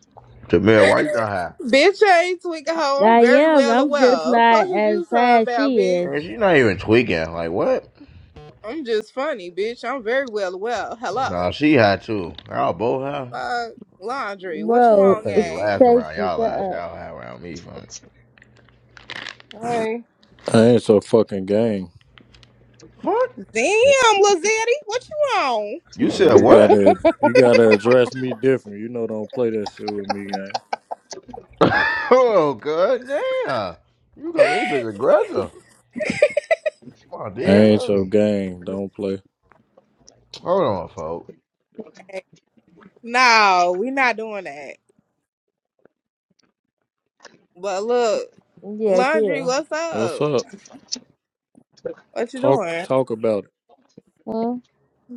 Speaker 7: why you not high?
Speaker 2: Bitch, I ain't tweaking hoe. I'm
Speaker 1: I
Speaker 2: very
Speaker 1: am.
Speaker 2: well
Speaker 1: I'm just
Speaker 2: aware. Fuck
Speaker 1: not
Speaker 2: is
Speaker 1: as
Speaker 2: you
Speaker 1: sad
Speaker 2: talking
Speaker 1: as
Speaker 2: about,
Speaker 1: she
Speaker 2: bitch?
Speaker 1: is.
Speaker 7: Man, she not even tweaking. Like, what?
Speaker 2: I'm just funny, bitch. I'm very well aware.
Speaker 7: Nah,
Speaker 2: Hello.
Speaker 7: she high too. Y'all both high.
Speaker 2: Fuck laundry. What you
Speaker 7: I
Speaker 1: Bro,
Speaker 2: want,
Speaker 7: couldn't
Speaker 1: it
Speaker 7: even last
Speaker 2: gang?
Speaker 1: takes
Speaker 7: around
Speaker 1: me
Speaker 7: y'all
Speaker 1: shut
Speaker 7: last.
Speaker 1: up.
Speaker 7: Y'all high around me, fam.
Speaker 2: Hey.
Speaker 8: I ain't so fucking game.
Speaker 2: Damn,
Speaker 7: Fuck.
Speaker 2: Lil Zeddy, what you on?
Speaker 7: You
Speaker 8: Uh,
Speaker 7: said
Speaker 8: you
Speaker 7: what?
Speaker 8: gotta you gotta address me different. You know don't play that shit with me, gang.
Speaker 7: Oh, god damn. You got this bitch aggressive. My
Speaker 8: I
Speaker 7: dear
Speaker 8: ain't so
Speaker 7: honey.
Speaker 8: gang. Don't play.
Speaker 7: Hold on, folks.
Speaker 2: No, we not doing that. But look,
Speaker 1: Yeah,
Speaker 2: laundry,
Speaker 1: chill.
Speaker 2: what's
Speaker 8: What's
Speaker 2: up?
Speaker 8: up?
Speaker 2: What you
Speaker 8: Talk
Speaker 2: doing?
Speaker 8: talk about it.
Speaker 1: Huh?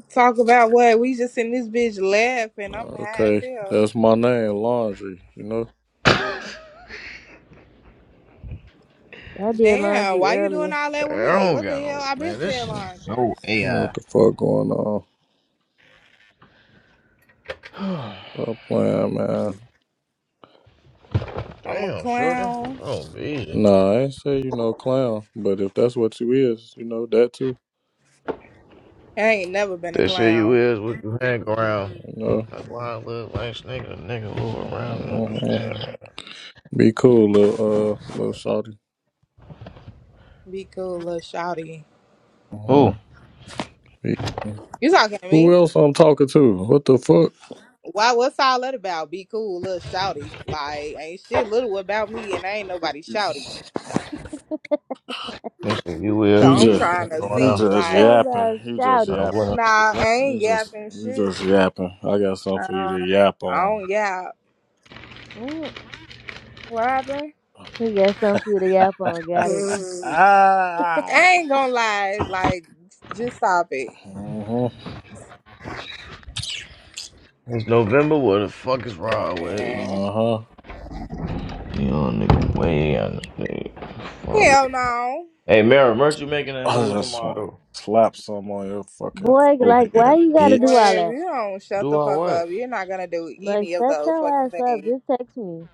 Speaker 2: Talk about what? We just in this bitch laughing. I'm
Speaker 8: Uh,
Speaker 2: high as
Speaker 8: Okay,
Speaker 2: hell.
Speaker 8: that's my name, Laundry. You know,
Speaker 7: I
Speaker 1: I did
Speaker 2: Damn,
Speaker 1: laundry
Speaker 2: why you doing
Speaker 1: earlier.
Speaker 2: all that with me?
Speaker 7: don't
Speaker 2: What the
Speaker 7: got
Speaker 2: hell?
Speaker 7: no
Speaker 2: I been
Speaker 7: man. This
Speaker 2: saying
Speaker 7: is just
Speaker 2: laundry.
Speaker 7: so
Speaker 8: you know
Speaker 7: AI.
Speaker 8: what the fuck going on? Stop playing, man.
Speaker 2: I'm a
Speaker 7: Damn, shorty.
Speaker 2: clown.
Speaker 7: Oh, easy.
Speaker 8: Nah, I ain't say you no clown, but if that's what you is, you know that too.
Speaker 2: I ain't never been a
Speaker 7: That shit you
Speaker 2: clown.
Speaker 7: is with you hang around.
Speaker 8: You know,
Speaker 7: That's why I look like nigga, a nigga move around and
Speaker 8: Mhm.
Speaker 7: understand.
Speaker 8: be cool, little uh, little shorty.
Speaker 2: Be cool, little shouty.
Speaker 7: Who?
Speaker 8: Mhm. Be-
Speaker 2: You talking to
Speaker 8: Who
Speaker 2: me?
Speaker 8: else I'm talking to? What the fuck?
Speaker 2: Why? What's all that about? Be cool, little shouty. Like ain't shit little about me, and I ain't nobody shouty.
Speaker 7: That shit you
Speaker 2: So
Speaker 7: is
Speaker 8: You
Speaker 2: I'm
Speaker 7: with you
Speaker 8: just,
Speaker 7: hang
Speaker 2: trying to
Speaker 8: you
Speaker 2: see,
Speaker 7: around.
Speaker 8: just
Speaker 2: like,
Speaker 1: So
Speaker 8: yapping.
Speaker 1: about
Speaker 8: You just
Speaker 1: shouty.
Speaker 7: Now
Speaker 8: yapping.
Speaker 7: what?
Speaker 2: nah, I ain't
Speaker 8: You just,
Speaker 2: yapping
Speaker 8: you
Speaker 2: shit.
Speaker 8: just yapping. I got something for you
Speaker 2: Um,
Speaker 8: to yap
Speaker 2: I
Speaker 8: on.
Speaker 2: don't yap.
Speaker 1: Mm.
Speaker 2: What happened?
Speaker 1: He got something for you to yap on, got it.
Speaker 2: Mm. I
Speaker 8: Ah.
Speaker 2: ain't gonna lie, like, just stop it.
Speaker 8: Uh huh.
Speaker 7: It's November. What the fuck is wrong with you?
Speaker 2: Mm-mm.
Speaker 8: Uh huh.
Speaker 7: Young nigga, way on this nigga.
Speaker 2: Hell no.
Speaker 7: Hey, Mary, merch, you making that
Speaker 8: I
Speaker 7: move
Speaker 8: just want to
Speaker 7: tomorrow?
Speaker 8: slap some on your fucking
Speaker 1: Boy, like why
Speaker 8: forehead,
Speaker 1: you gotta do all
Speaker 2: Well, if
Speaker 8: bitch.
Speaker 1: that?
Speaker 2: you don't shut
Speaker 7: Do
Speaker 2: the
Speaker 7: I
Speaker 2: fuck up,
Speaker 7: what?
Speaker 2: you're not gonna do
Speaker 1: Like
Speaker 2: any of
Speaker 1: shut
Speaker 2: those
Speaker 1: your
Speaker 2: fucking
Speaker 1: ass up.
Speaker 2: things.
Speaker 1: Just text me.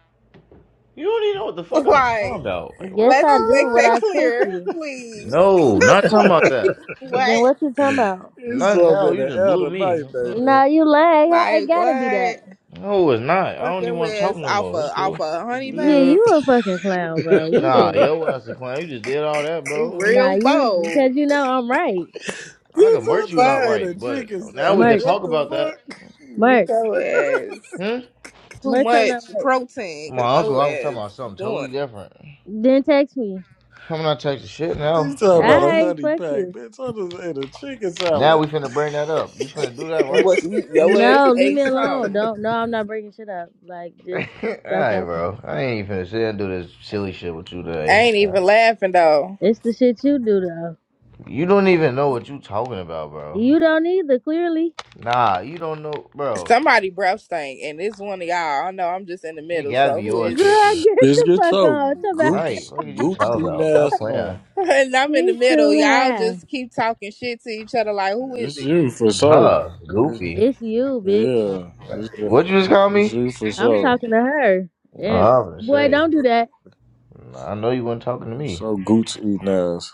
Speaker 7: You don't even know what the fuck I'm talking
Speaker 2: like,
Speaker 7: about. Like
Speaker 1: Yes
Speaker 7: what?
Speaker 1: I
Speaker 2: let's
Speaker 1: do
Speaker 2: make
Speaker 1: what
Speaker 2: that
Speaker 8: Ah.
Speaker 1: I sent
Speaker 2: clear,
Speaker 1: you.
Speaker 2: please.
Speaker 7: No,
Speaker 2: It's
Speaker 7: not talking about
Speaker 2: like,
Speaker 7: that.
Speaker 1: Then
Speaker 2: what?
Speaker 1: what you talking about?
Speaker 8: it's
Speaker 7: Not
Speaker 8: up
Speaker 7: now.
Speaker 8: in
Speaker 7: You
Speaker 8: the
Speaker 7: just
Speaker 8: air
Speaker 7: blew
Speaker 8: tonight,
Speaker 7: me. Huh?
Speaker 8: baby.
Speaker 1: Nah, you lying. Ha-
Speaker 2: Like,
Speaker 1: It gotta be
Speaker 2: what?
Speaker 1: that.
Speaker 7: No, it's not. I
Speaker 2: Fuck
Speaker 7: don't even
Speaker 2: your
Speaker 7: want to talk
Speaker 2: ass
Speaker 7: no
Speaker 2: off
Speaker 7: more.
Speaker 2: a,
Speaker 7: It's
Speaker 2: off
Speaker 7: cool.
Speaker 2: a honey pack?
Speaker 1: Gee,
Speaker 8: Dude.
Speaker 1: you a fucking clown, bro. You
Speaker 7: Nah,
Speaker 1: just
Speaker 8: bitch,
Speaker 7: yo ass a clown. You just did all that,
Speaker 2: Be
Speaker 7: bro.
Speaker 1: nah,
Speaker 2: real
Speaker 1: you
Speaker 2: bold.
Speaker 1: because you know I'm right.
Speaker 7: I can
Speaker 8: I
Speaker 7: merch you
Speaker 2: Fuck
Speaker 7: not
Speaker 8: just ate
Speaker 7: right,
Speaker 8: a
Speaker 7: but
Speaker 8: chicken
Speaker 7: now we
Speaker 8: salad.
Speaker 7: can
Speaker 1: Merch,
Speaker 8: What
Speaker 7: talk
Speaker 8: the
Speaker 7: about that.
Speaker 8: fuck?
Speaker 2: get
Speaker 1: merch,
Speaker 2: your ass
Speaker 7: Hmm?
Speaker 2: too
Speaker 1: merch. I'm not
Speaker 2: much
Speaker 1: right.
Speaker 2: protein because
Speaker 7: My uncle,
Speaker 2: your
Speaker 7: I was talking
Speaker 2: ass
Speaker 7: about something
Speaker 2: doing
Speaker 7: totally
Speaker 2: it.
Speaker 7: different.
Speaker 1: Then text me.
Speaker 7: I'm not taking shit
Speaker 8: You
Speaker 7: now.
Speaker 8: talking
Speaker 1: All
Speaker 7: No.
Speaker 8: about a
Speaker 1: right,
Speaker 8: honey
Speaker 1: fuck
Speaker 8: pack,
Speaker 1: you.
Speaker 8: bitch? I just ate a chicken salad.
Speaker 7: Now we finna bring that up. You finna do that,
Speaker 2: And
Speaker 7: right?
Speaker 2: what's you your ass
Speaker 1: No, leave
Speaker 2: ate
Speaker 1: me alone.
Speaker 2: something.
Speaker 1: Don't. No, I'm not breaking shit up. Like, just stop
Speaker 7: Alright,
Speaker 1: talking.
Speaker 7: bro. I ain't even finna sit and do this silly shit with you
Speaker 2: I
Speaker 7: today.
Speaker 2: ain't even laughing though.
Speaker 1: It's the shit you do though.
Speaker 7: You don't even know what you talking about, bro.
Speaker 1: You don't either, clearly.
Speaker 7: Nah, you don't know, bro.
Speaker 2: Somebody breath stank and it's one of y'all. I know I'm just in the
Speaker 7: It
Speaker 2: middle,
Speaker 7: gotta
Speaker 2: so
Speaker 7: be
Speaker 2: who
Speaker 7: yours,
Speaker 2: is it?
Speaker 1: Girl,
Speaker 7: TP.
Speaker 1: get
Speaker 8: Bitch,
Speaker 1: the
Speaker 8: get
Speaker 1: fuck
Speaker 8: your
Speaker 1: on. Talk about
Speaker 7: Right.
Speaker 8: gooch,
Speaker 7: What are you
Speaker 8: gooch
Speaker 7: talking
Speaker 8: eating
Speaker 7: about? Stop
Speaker 8: ass
Speaker 7: playing.
Speaker 8: on.
Speaker 2: and I'm in the
Speaker 1: she's
Speaker 2: middle.
Speaker 1: too
Speaker 2: Y'all
Speaker 1: high.
Speaker 2: just keep talking shit to each other like who is
Speaker 8: It's
Speaker 2: it?
Speaker 8: you for sure.
Speaker 7: Huh,
Speaker 8: It's-
Speaker 7: goofy.
Speaker 1: It's you, bitch.
Speaker 8: yeah, it's, ju-
Speaker 7: What you just call
Speaker 8: it's
Speaker 7: me?
Speaker 8: you for
Speaker 1: I'm
Speaker 8: sure.
Speaker 1: talking to her.
Speaker 7: Oh,
Speaker 1: And
Speaker 7: I was gonna
Speaker 1: boy,
Speaker 7: say.
Speaker 1: don't do that.
Speaker 7: I know you weren't talking to
Speaker 8: It's
Speaker 7: me.
Speaker 8: so gooch eating ass.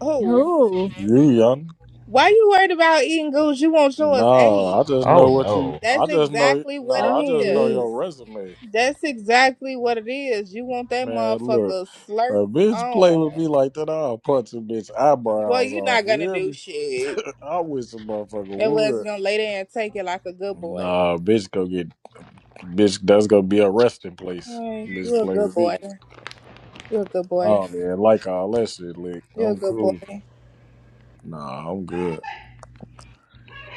Speaker 2: Who?
Speaker 1: Who?
Speaker 8: You young?
Speaker 2: Why you worried about eating goose? You want yours
Speaker 8: Nah, I
Speaker 2: ate.
Speaker 8: just know
Speaker 7: Oh
Speaker 8: what you.
Speaker 7: no.
Speaker 8: I
Speaker 2: That's
Speaker 8: just know.
Speaker 2: exactly what it
Speaker 8: Nah, I
Speaker 1: Oh,
Speaker 8: just know
Speaker 1: we.
Speaker 2: is.
Speaker 8: your resume,
Speaker 2: That's exactly what it is. You want that
Speaker 8: man. Look,
Speaker 2: motherfucker
Speaker 8: a
Speaker 2: slurped
Speaker 8: bitch play with
Speaker 2: on.
Speaker 8: me like that, I'll punch a bitch
Speaker 2: Well,
Speaker 8: eyebrows
Speaker 2: you're
Speaker 8: off.
Speaker 2: not
Speaker 8: You
Speaker 2: gonna
Speaker 8: hear
Speaker 2: do
Speaker 8: me?
Speaker 2: shit.
Speaker 8: I wish a motherfucker
Speaker 2: It was
Speaker 8: would.
Speaker 2: gonna lay there and take it like a good boy.
Speaker 8: Nah, bitch, go get Bitch, that's gonna be a resting place.
Speaker 2: Hey,
Speaker 8: Bitch,
Speaker 2: you're a
Speaker 8: play
Speaker 2: good
Speaker 8: with
Speaker 2: boy.
Speaker 8: me.
Speaker 2: You're a good boy.
Speaker 8: Oh man, like all that shit, lick.
Speaker 2: You're a
Speaker 8: I'm
Speaker 2: good
Speaker 8: cool.
Speaker 2: boy.
Speaker 8: Nah, I'm good.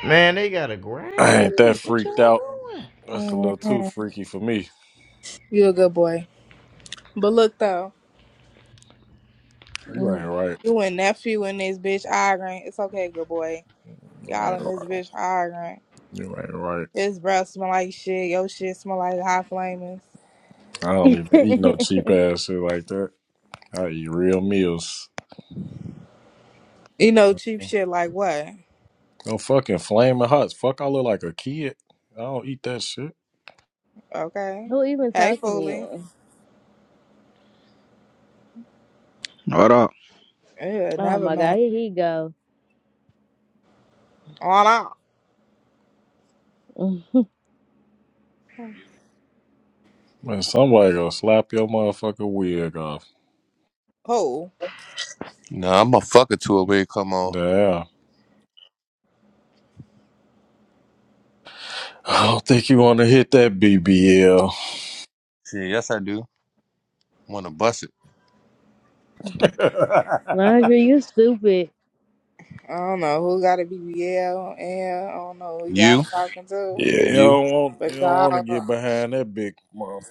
Speaker 7: Man, they gotta grind
Speaker 8: I ain't
Speaker 7: me.
Speaker 8: that
Speaker 7: What
Speaker 8: freaked
Speaker 7: y'all
Speaker 8: out.
Speaker 7: doing?
Speaker 8: That's a little too
Speaker 2: Mhm.
Speaker 8: freaky for me.
Speaker 2: You're a good boy. But look though,
Speaker 8: You
Speaker 1: Mm.
Speaker 8: ain't right.
Speaker 2: you and nephew and this bitch arguing. It's okay, good boy.
Speaker 8: You
Speaker 2: Y'all
Speaker 8: ain't
Speaker 2: and this
Speaker 8: right.
Speaker 2: bitch arguing.
Speaker 8: You ain't right.
Speaker 2: His breath smell like shit. Your shit smell like hot flamers.
Speaker 8: I don't even eat no cheap ass shit like that. I eat real meals.
Speaker 2: You know, cheap shit like what?
Speaker 8: No fucking flaming hots. Fuck, I look like a kid. I don't eat that shit.
Speaker 2: Okay.
Speaker 1: Who even
Speaker 2: Hey,
Speaker 1: talking to
Speaker 2: Foley.
Speaker 1: you?
Speaker 9: What up?
Speaker 2: Yeah,
Speaker 1: Oh
Speaker 2: never
Speaker 1: my god,
Speaker 2: mind.
Speaker 1: here he go.
Speaker 2: On out.
Speaker 1: Mm.
Speaker 8: Man, somebody gonna slap your motherfucking wig off.
Speaker 2: Who?
Speaker 10: Nah, I'm a fucker to it when it come on.
Speaker 8: Damn. I don't think you wanna hit that BBL.
Speaker 10: Shit, yes I do. Want to bust it?
Speaker 1: Laundry, you stupid.
Speaker 2: I don't know who got a BBL and I don't know who y'all
Speaker 10: You,
Speaker 2: talking to,
Speaker 8: Yeah, you
Speaker 10: you.
Speaker 8: don't want
Speaker 2: but
Speaker 8: you don't want to
Speaker 2: y'all
Speaker 8: get behind that big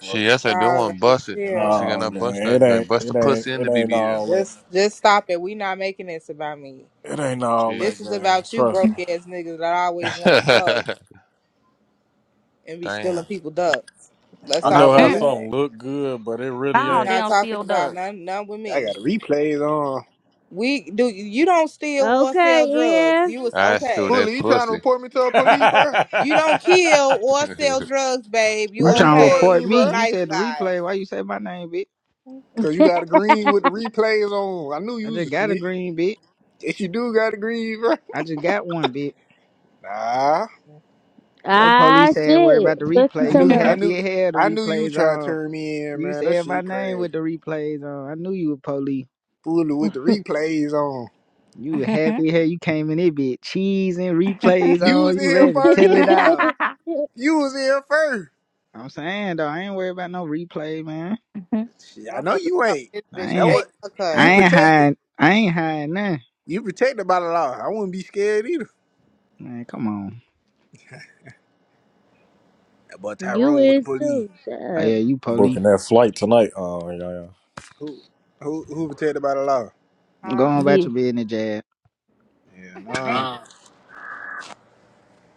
Speaker 10: Shit, yes I do.
Speaker 2: y'all
Speaker 10: Want to
Speaker 2: gotta
Speaker 10: bust it? I want to see
Speaker 2: chill.
Speaker 10: can
Speaker 8: Nah,
Speaker 10: I
Speaker 8: gang,
Speaker 10: bust that
Speaker 8: it ain't
Speaker 10: joint. Bust the
Speaker 8: it ain't
Speaker 10: pussy in
Speaker 8: it
Speaker 10: the
Speaker 8: ain't
Speaker 10: BBL.
Speaker 8: all that.
Speaker 2: Just just stop it. We not making this about me.
Speaker 8: It ain't all
Speaker 10: Shit.
Speaker 8: that,
Speaker 2: This is
Speaker 8: gang.
Speaker 2: about you
Speaker 8: Trust me.
Speaker 2: broke ass niggas that always wanna fuck and be
Speaker 10: Damn,
Speaker 2: stealing people ducks. Let's
Speaker 11: I'm
Speaker 8: You
Speaker 2: talk
Speaker 8: know
Speaker 11: not
Speaker 8: how
Speaker 2: about
Speaker 12: Mm,
Speaker 11: fooling.
Speaker 2: that.
Speaker 8: something look good, but it really
Speaker 2: We
Speaker 12: No, they
Speaker 8: ain't.
Speaker 2: not
Speaker 12: don't
Speaker 2: talking
Speaker 12: steal
Speaker 2: about
Speaker 12: duck.
Speaker 2: none none with
Speaker 11: I got
Speaker 2: me.
Speaker 11: replays on.
Speaker 2: We do you don't steal or sell
Speaker 1: Okay,
Speaker 2: drugs.
Speaker 1: yeah.
Speaker 2: You was
Speaker 10: I still
Speaker 2: okay.
Speaker 10: that
Speaker 11: Fooling, you trying to
Speaker 10: pussy.
Speaker 11: report me to the police, bruh?
Speaker 2: You don't kill or sell drugs, babe. You
Speaker 11: Why
Speaker 9: You
Speaker 11: you
Speaker 9: trying to
Speaker 11: recording
Speaker 2: okay.
Speaker 11: me,
Speaker 9: report me?
Speaker 2: You a
Speaker 11: bruh?
Speaker 9: You
Speaker 2: nice
Speaker 9: said the
Speaker 2: guy.
Speaker 9: replay. Why you say my name, bitch?
Speaker 11: Cause you got a green with the replays on. I knew you
Speaker 9: I
Speaker 11: was a
Speaker 9: just got a
Speaker 11: snitch.
Speaker 9: green, bitch.
Speaker 11: Yes, you do got a green, bruh.
Speaker 9: I just got one, bitch.
Speaker 11: Nah,
Speaker 9: Yo,
Speaker 1: Ah,
Speaker 9: police said worry
Speaker 1: shit.
Speaker 9: about the
Speaker 1: Fuck you
Speaker 11: I
Speaker 9: replay. You
Speaker 11: knew,
Speaker 1: somehow.
Speaker 11: I
Speaker 9: happy
Speaker 11: knew,
Speaker 9: as hell the
Speaker 11: I knew you
Speaker 9: replays
Speaker 11: tried to
Speaker 9: on.
Speaker 11: turn me in,
Speaker 9: You
Speaker 11: man. That
Speaker 9: said my
Speaker 11: shit
Speaker 9: name
Speaker 11: crazy.
Speaker 9: with the replays on. I knew you were police.
Speaker 11: Fooling with the replays on.
Speaker 9: You were happy as hell. You came in here, bitch. Cheese and replays
Speaker 11: You was
Speaker 9: on.
Speaker 11: in
Speaker 9: You
Speaker 11: here
Speaker 9: ready to
Speaker 11: first,
Speaker 1: you
Speaker 9: tell it
Speaker 11: dude.
Speaker 9: all.
Speaker 11: You was in here first.
Speaker 9: I'm saying, though, I ain't worried about no replay, man.
Speaker 11: Shit, I know
Speaker 2: Motherfuckers
Speaker 11: you
Speaker 2: come
Speaker 11: ain't.
Speaker 2: this
Speaker 9: I
Speaker 2: bitch with
Speaker 11: That
Speaker 9: ain't,
Speaker 2: they
Speaker 11: what you
Speaker 9: I
Speaker 2: haircut.
Speaker 9: ain't
Speaker 11: protected.
Speaker 9: hiding. I ain't hiding nothing.
Speaker 11: You protected by the law. I wouldn't be scared either.
Speaker 9: Man, come on.
Speaker 11: That boy Tyrone with the
Speaker 1: is
Speaker 11: police.
Speaker 1: too. Shut
Speaker 9: Oh, yeah,
Speaker 1: up.
Speaker 9: you police.
Speaker 8: Booking that flight tonight. Oh yeah, yeah.
Speaker 11: Who who who protected by the law?
Speaker 9: Go
Speaker 2: Huh?
Speaker 9: on
Speaker 1: Yeah.
Speaker 9: about your business, Jab.
Speaker 11: Yeah, no.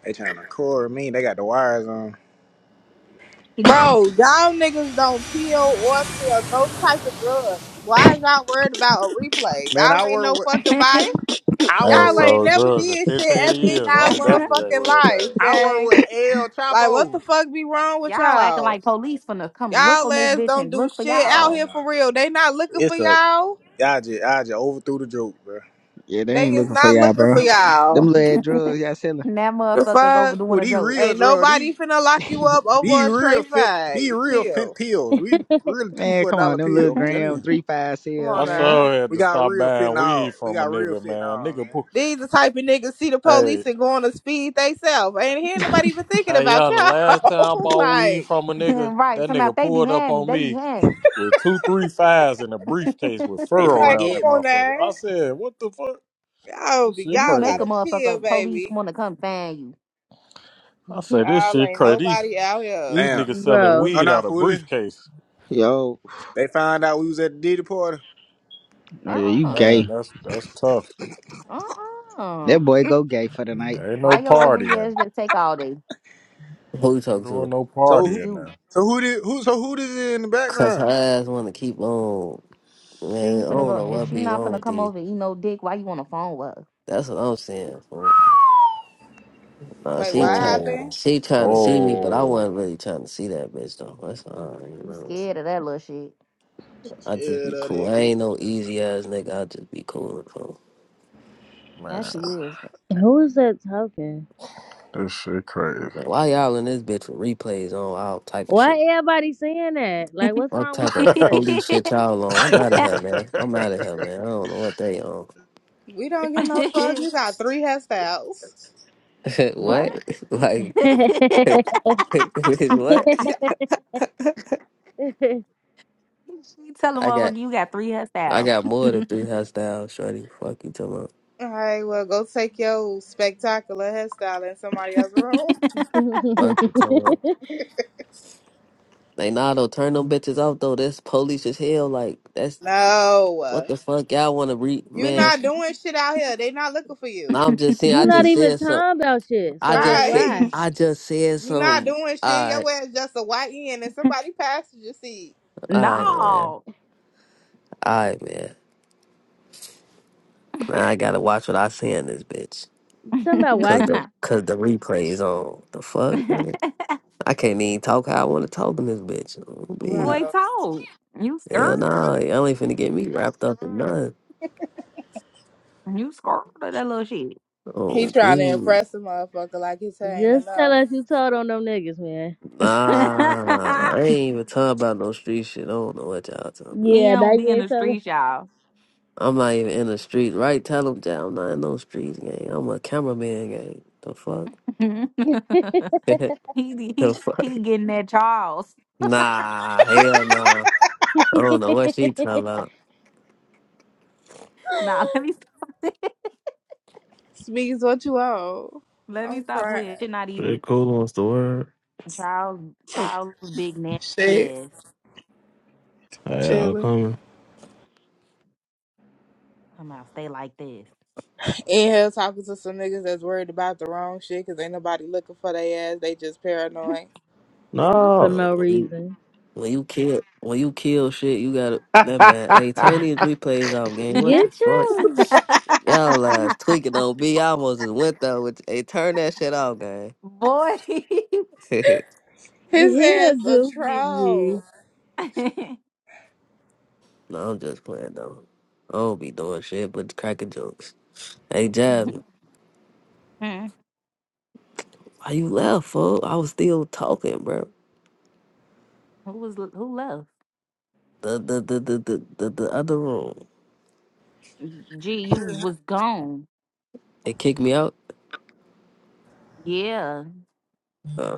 Speaker 11: They trying to record me. They got the wires on.
Speaker 2: Bro, y'all niggas don't kill or sell no type of drugs. Why is y'all worried about a replay?
Speaker 11: Man,
Speaker 2: Y'all
Speaker 11: I
Speaker 2: ain't
Speaker 11: work
Speaker 2: no
Speaker 11: with
Speaker 2: fucking body.
Speaker 11: I
Speaker 8: I ain't
Speaker 11: work
Speaker 2: Y'all
Speaker 11: with
Speaker 2: ain't
Speaker 8: sold
Speaker 2: never
Speaker 8: drugs in
Speaker 2: did shit
Speaker 8: 15
Speaker 2: ever in
Speaker 8: years.
Speaker 2: y'all
Speaker 8: I'm definitely ain't
Speaker 2: motherfucking
Speaker 8: worried about
Speaker 2: life,
Speaker 8: it.
Speaker 11: I work
Speaker 2: gang.
Speaker 11: with El
Speaker 2: Like, what
Speaker 11: Chapo.
Speaker 2: the fuck be wrong with
Speaker 12: y'all acting
Speaker 2: y'all?
Speaker 12: like police finna come look
Speaker 2: Y'all
Speaker 12: on this
Speaker 2: ass
Speaker 12: bitch
Speaker 2: don't
Speaker 12: and
Speaker 2: do
Speaker 12: look for
Speaker 2: shit out
Speaker 12: y'all.
Speaker 11: Oh
Speaker 2: here
Speaker 11: my.
Speaker 2: for real. They not looking for
Speaker 11: It's a
Speaker 2: y'all.
Speaker 11: I just I just overthrew the joke, bro.
Speaker 9: Yeah, they
Speaker 2: They
Speaker 9: ain't
Speaker 2: is
Speaker 9: looking for
Speaker 2: not
Speaker 9: y'all,
Speaker 2: looking
Speaker 9: bro.
Speaker 2: for
Speaker 9: Them
Speaker 2: y'all.
Speaker 9: little ass drugs y'all selling.
Speaker 12: And that
Speaker 2: The
Speaker 12: motherfucker's
Speaker 2: fuck?
Speaker 12: overdoing
Speaker 11: Well,
Speaker 12: a
Speaker 11: these
Speaker 12: joke.
Speaker 11: real
Speaker 2: Ain't
Speaker 11: drug, these
Speaker 2: nobody finna lock you up
Speaker 11: these
Speaker 2: over a
Speaker 11: real
Speaker 2: tray
Speaker 11: fit these
Speaker 2: fag.
Speaker 11: real fent
Speaker 2: Chill.
Speaker 11: pills. We really two
Speaker 9: Man,
Speaker 11: for a
Speaker 9: come on,
Speaker 11: dollar
Speaker 9: them little
Speaker 11: pill, I'm telling
Speaker 9: gram
Speaker 11: you.
Speaker 9: three five
Speaker 2: Come
Speaker 9: sell,
Speaker 8: I
Speaker 2: on
Speaker 9: man.
Speaker 2: now.
Speaker 8: sure had
Speaker 11: We
Speaker 8: to
Speaker 11: got
Speaker 8: stop
Speaker 11: real
Speaker 8: buying
Speaker 11: fentanyl.
Speaker 8: weed
Speaker 11: We
Speaker 8: from a
Speaker 11: got real
Speaker 8: nigga, man.
Speaker 11: fentanyl,
Speaker 8: Nigga,
Speaker 11: man.
Speaker 8: put
Speaker 2: These the type of niggas see the
Speaker 8: hey.
Speaker 2: police and go on a speed they self. Ain't here nobody even thinking
Speaker 8: Hey,
Speaker 2: about
Speaker 8: y'all, the last time I
Speaker 2: y'all.
Speaker 8: bought weed
Speaker 2: like,
Speaker 8: from a nigga,
Speaker 12: right,
Speaker 8: that
Speaker 12: somehow
Speaker 8: nigga
Speaker 12: they
Speaker 8: pulled up
Speaker 12: behind me.
Speaker 8: on
Speaker 12: They
Speaker 8: me
Speaker 12: behind me.
Speaker 8: with two, three fives in a briefcase with
Speaker 11: They
Speaker 8: fur
Speaker 11: finna
Speaker 2: like,
Speaker 8: around
Speaker 2: come
Speaker 8: that
Speaker 11: get me.
Speaker 2: on
Speaker 8: motherfucker. I
Speaker 2: now.
Speaker 8: said, what the fuck?
Speaker 2: Y'all
Speaker 8: This
Speaker 2: be
Speaker 8: shit
Speaker 12: You
Speaker 2: y'all
Speaker 12: make a
Speaker 2: gotta
Speaker 8: crazy.
Speaker 2: chill,
Speaker 12: motherfucker police
Speaker 2: baby.
Speaker 12: wanna come find you.
Speaker 8: I said, this
Speaker 2: Y'all
Speaker 8: shit
Speaker 2: ain't
Speaker 8: crazy. These,
Speaker 2: nobody out here.
Speaker 8: these
Speaker 11: Damn.
Speaker 8: niggas selling
Speaker 1: Bro,
Speaker 11: I'm
Speaker 8: weed out
Speaker 11: not
Speaker 8: of
Speaker 11: fooling.
Speaker 8: briefcase.
Speaker 9: Yo, oh
Speaker 11: They found out we was at the Diddy party.
Speaker 9: yeah,
Speaker 8: Oh,
Speaker 9: you
Speaker 12: Uh-uh.
Speaker 8: man,
Speaker 9: gay.
Speaker 8: that's that's tough.
Speaker 9: That
Speaker 12: Uh-uh.
Speaker 9: boy go gay for the night.
Speaker 8: Ain't
Speaker 12: Why
Speaker 8: no
Speaker 12: your ugly
Speaker 8: partying.
Speaker 12: ass just take all day?
Speaker 13: Who you
Speaker 8: Ain't
Speaker 13: talking
Speaker 8: Doing
Speaker 13: to?
Speaker 8: no
Speaker 11: So who?
Speaker 8: partying
Speaker 12: You.
Speaker 8: now.
Speaker 11: So who did? Who? So who did it in the
Speaker 13: Cause
Speaker 11: background?
Speaker 13: her ass want to keep on.
Speaker 12: She
Speaker 13: Man, I
Speaker 12: ain't finna
Speaker 13: don't know
Speaker 12: go if
Speaker 13: what
Speaker 12: she
Speaker 13: be
Speaker 12: not
Speaker 13: wrong
Speaker 12: finna
Speaker 13: with
Speaker 12: come
Speaker 13: these.
Speaker 12: over and eat no dick, why you on the phone with her?
Speaker 13: That's what I'm saying. fool. Nah,
Speaker 2: Wait,
Speaker 13: she
Speaker 2: what
Speaker 13: trying,
Speaker 2: happened?
Speaker 8: Whoa.
Speaker 13: she trying to see me, but I
Speaker 8: Whoa.
Speaker 13: wasn't really trying to see that bitch though. That's all,
Speaker 12: Mm,
Speaker 13: you
Speaker 12: You
Speaker 13: know.
Speaker 12: scared of that little shit.
Speaker 11: She
Speaker 13: I just
Speaker 11: scared
Speaker 13: be
Speaker 11: of
Speaker 13: cool.
Speaker 11: that
Speaker 13: I
Speaker 11: coochie.
Speaker 13: ain't no easy ass nigga. I just be cool. Bro.
Speaker 12: Yeah,
Speaker 8: Man,
Speaker 12: she is.
Speaker 1: who is that talking?
Speaker 8: this shit crazy.
Speaker 13: Like, why y'all in this bitch with replays on all type of
Speaker 1: Why
Speaker 13: shit?
Speaker 1: everybody saying that? Like, what's
Speaker 13: What
Speaker 1: wrong with
Speaker 13: type of
Speaker 1: replay?
Speaker 13: holy shit y'all on? I'm out of here, man. I'm out of here, man. I don't know what they on.
Speaker 2: We don't get no fuck. You got three hairstyles.
Speaker 12: what?
Speaker 13: what? like, bitch, what?
Speaker 12: she tell a
Speaker 13: I got.
Speaker 12: motherfucker you got three
Speaker 13: I
Speaker 12: hairstyles.
Speaker 13: got more than three hostiles, shorty. Fuck you, talking about.
Speaker 2: All right, well, go take your spectacular hairstyle in somebody else's room.
Speaker 13: Fuck you, talking about. Like, nah, though, turn them bitches off, though. That's police as hell. Like, that's
Speaker 2: No.
Speaker 13: what the fuck y'all want to read,
Speaker 2: You
Speaker 13: man.
Speaker 2: not doing shit out here. They not looking for you.
Speaker 13: I'm just saying,
Speaker 1: you
Speaker 13: I
Speaker 1: not
Speaker 13: just
Speaker 1: even
Speaker 13: said something.
Speaker 1: talking about shit.
Speaker 13: I
Speaker 1: So, like,
Speaker 13: just said,
Speaker 2: Right.
Speaker 1: why?
Speaker 13: I just said
Speaker 2: You not
Speaker 13: something.
Speaker 2: doing shit.
Speaker 13: All
Speaker 2: Your
Speaker 13: right,
Speaker 2: ass just a white end and somebody passenger seat.
Speaker 13: all right, man.
Speaker 12: no.
Speaker 13: All right, man. Now I gotta watch what I say in this bitch.
Speaker 1: You talking about why
Speaker 13: Cause
Speaker 1: should
Speaker 13: the, cause the replay is on. The fuck, man. I can't even talk how I want to talk in this bitch. Oh, man.
Speaker 12: Boy
Speaker 2: Wow.
Speaker 12: told. You
Speaker 13: Hell
Speaker 12: scared?
Speaker 13: nah, y'all ain't finna get me wrapped up in nothing.
Speaker 12: You scared of that little shit.
Speaker 2: He
Speaker 13: Oh,
Speaker 2: trying to
Speaker 13: bitch.
Speaker 2: impress a motherfucker like his
Speaker 1: you
Speaker 2: hair ain't
Speaker 1: just tell
Speaker 2: enough.
Speaker 1: us you told on them niggas, man?
Speaker 13: Nah, I ain't even talking about no street shit. I don't know what y'all talking about.
Speaker 12: he
Speaker 1: Yeah, now
Speaker 12: don't
Speaker 1: you
Speaker 12: be in
Speaker 1: ain't
Speaker 12: the
Speaker 1: telling
Speaker 12: streets, y'all.
Speaker 13: I'm not even in the street, right? Tell them that I'm not in no street gang. I'm a cameraman gang. The fuck?
Speaker 12: he,
Speaker 13: the
Speaker 12: he
Speaker 13: fuck?
Speaker 12: he getting that Charles.
Speaker 13: Nah, hell nah. I don't know what she talking about.
Speaker 12: Nah, let me stop.
Speaker 2: Speaks what you owe.
Speaker 12: let me
Speaker 2: I'm
Speaker 12: stop
Speaker 2: crying.
Speaker 12: playing. Shit not even
Speaker 14: Shit, cool wants the word.
Speaker 12: Charles Charles big nasty
Speaker 2: Shit.
Speaker 12: ass.
Speaker 14: Hey, y'all
Speaker 2: Chilling.
Speaker 14: coming?
Speaker 12: Come out, stay like this.
Speaker 2: In here talking to some niggas that's worried about the wrong shit because ain't nobody looking for their ass. They just paranoid.
Speaker 1: for
Speaker 14: No.
Speaker 1: no
Speaker 13: When you,
Speaker 1: reason.
Speaker 13: when you kill, when you kill shit, you gotta that man. Hey, turn
Speaker 14: they
Speaker 13: these replays off, gang. What the
Speaker 1: Get
Speaker 13: fuck?
Speaker 1: your
Speaker 13: Y'all last tweaking on me. I almost just went though. With hey, turn that shit off, gang.
Speaker 12: Boy.
Speaker 1: get
Speaker 2: His
Speaker 1: here,
Speaker 2: ass a
Speaker 1: goofy G.
Speaker 2: troll.
Speaker 13: No, I'm just playing though. I don't be doing shit but cracking jokes. Hey Jasmine, why you left, fool? I was still talking, bro.
Speaker 12: who was who left?
Speaker 13: The the the the the, the, the other room.
Speaker 12: Gee, you was gone.
Speaker 13: It kicked me out.
Speaker 12: Yeah.
Speaker 13: Uh,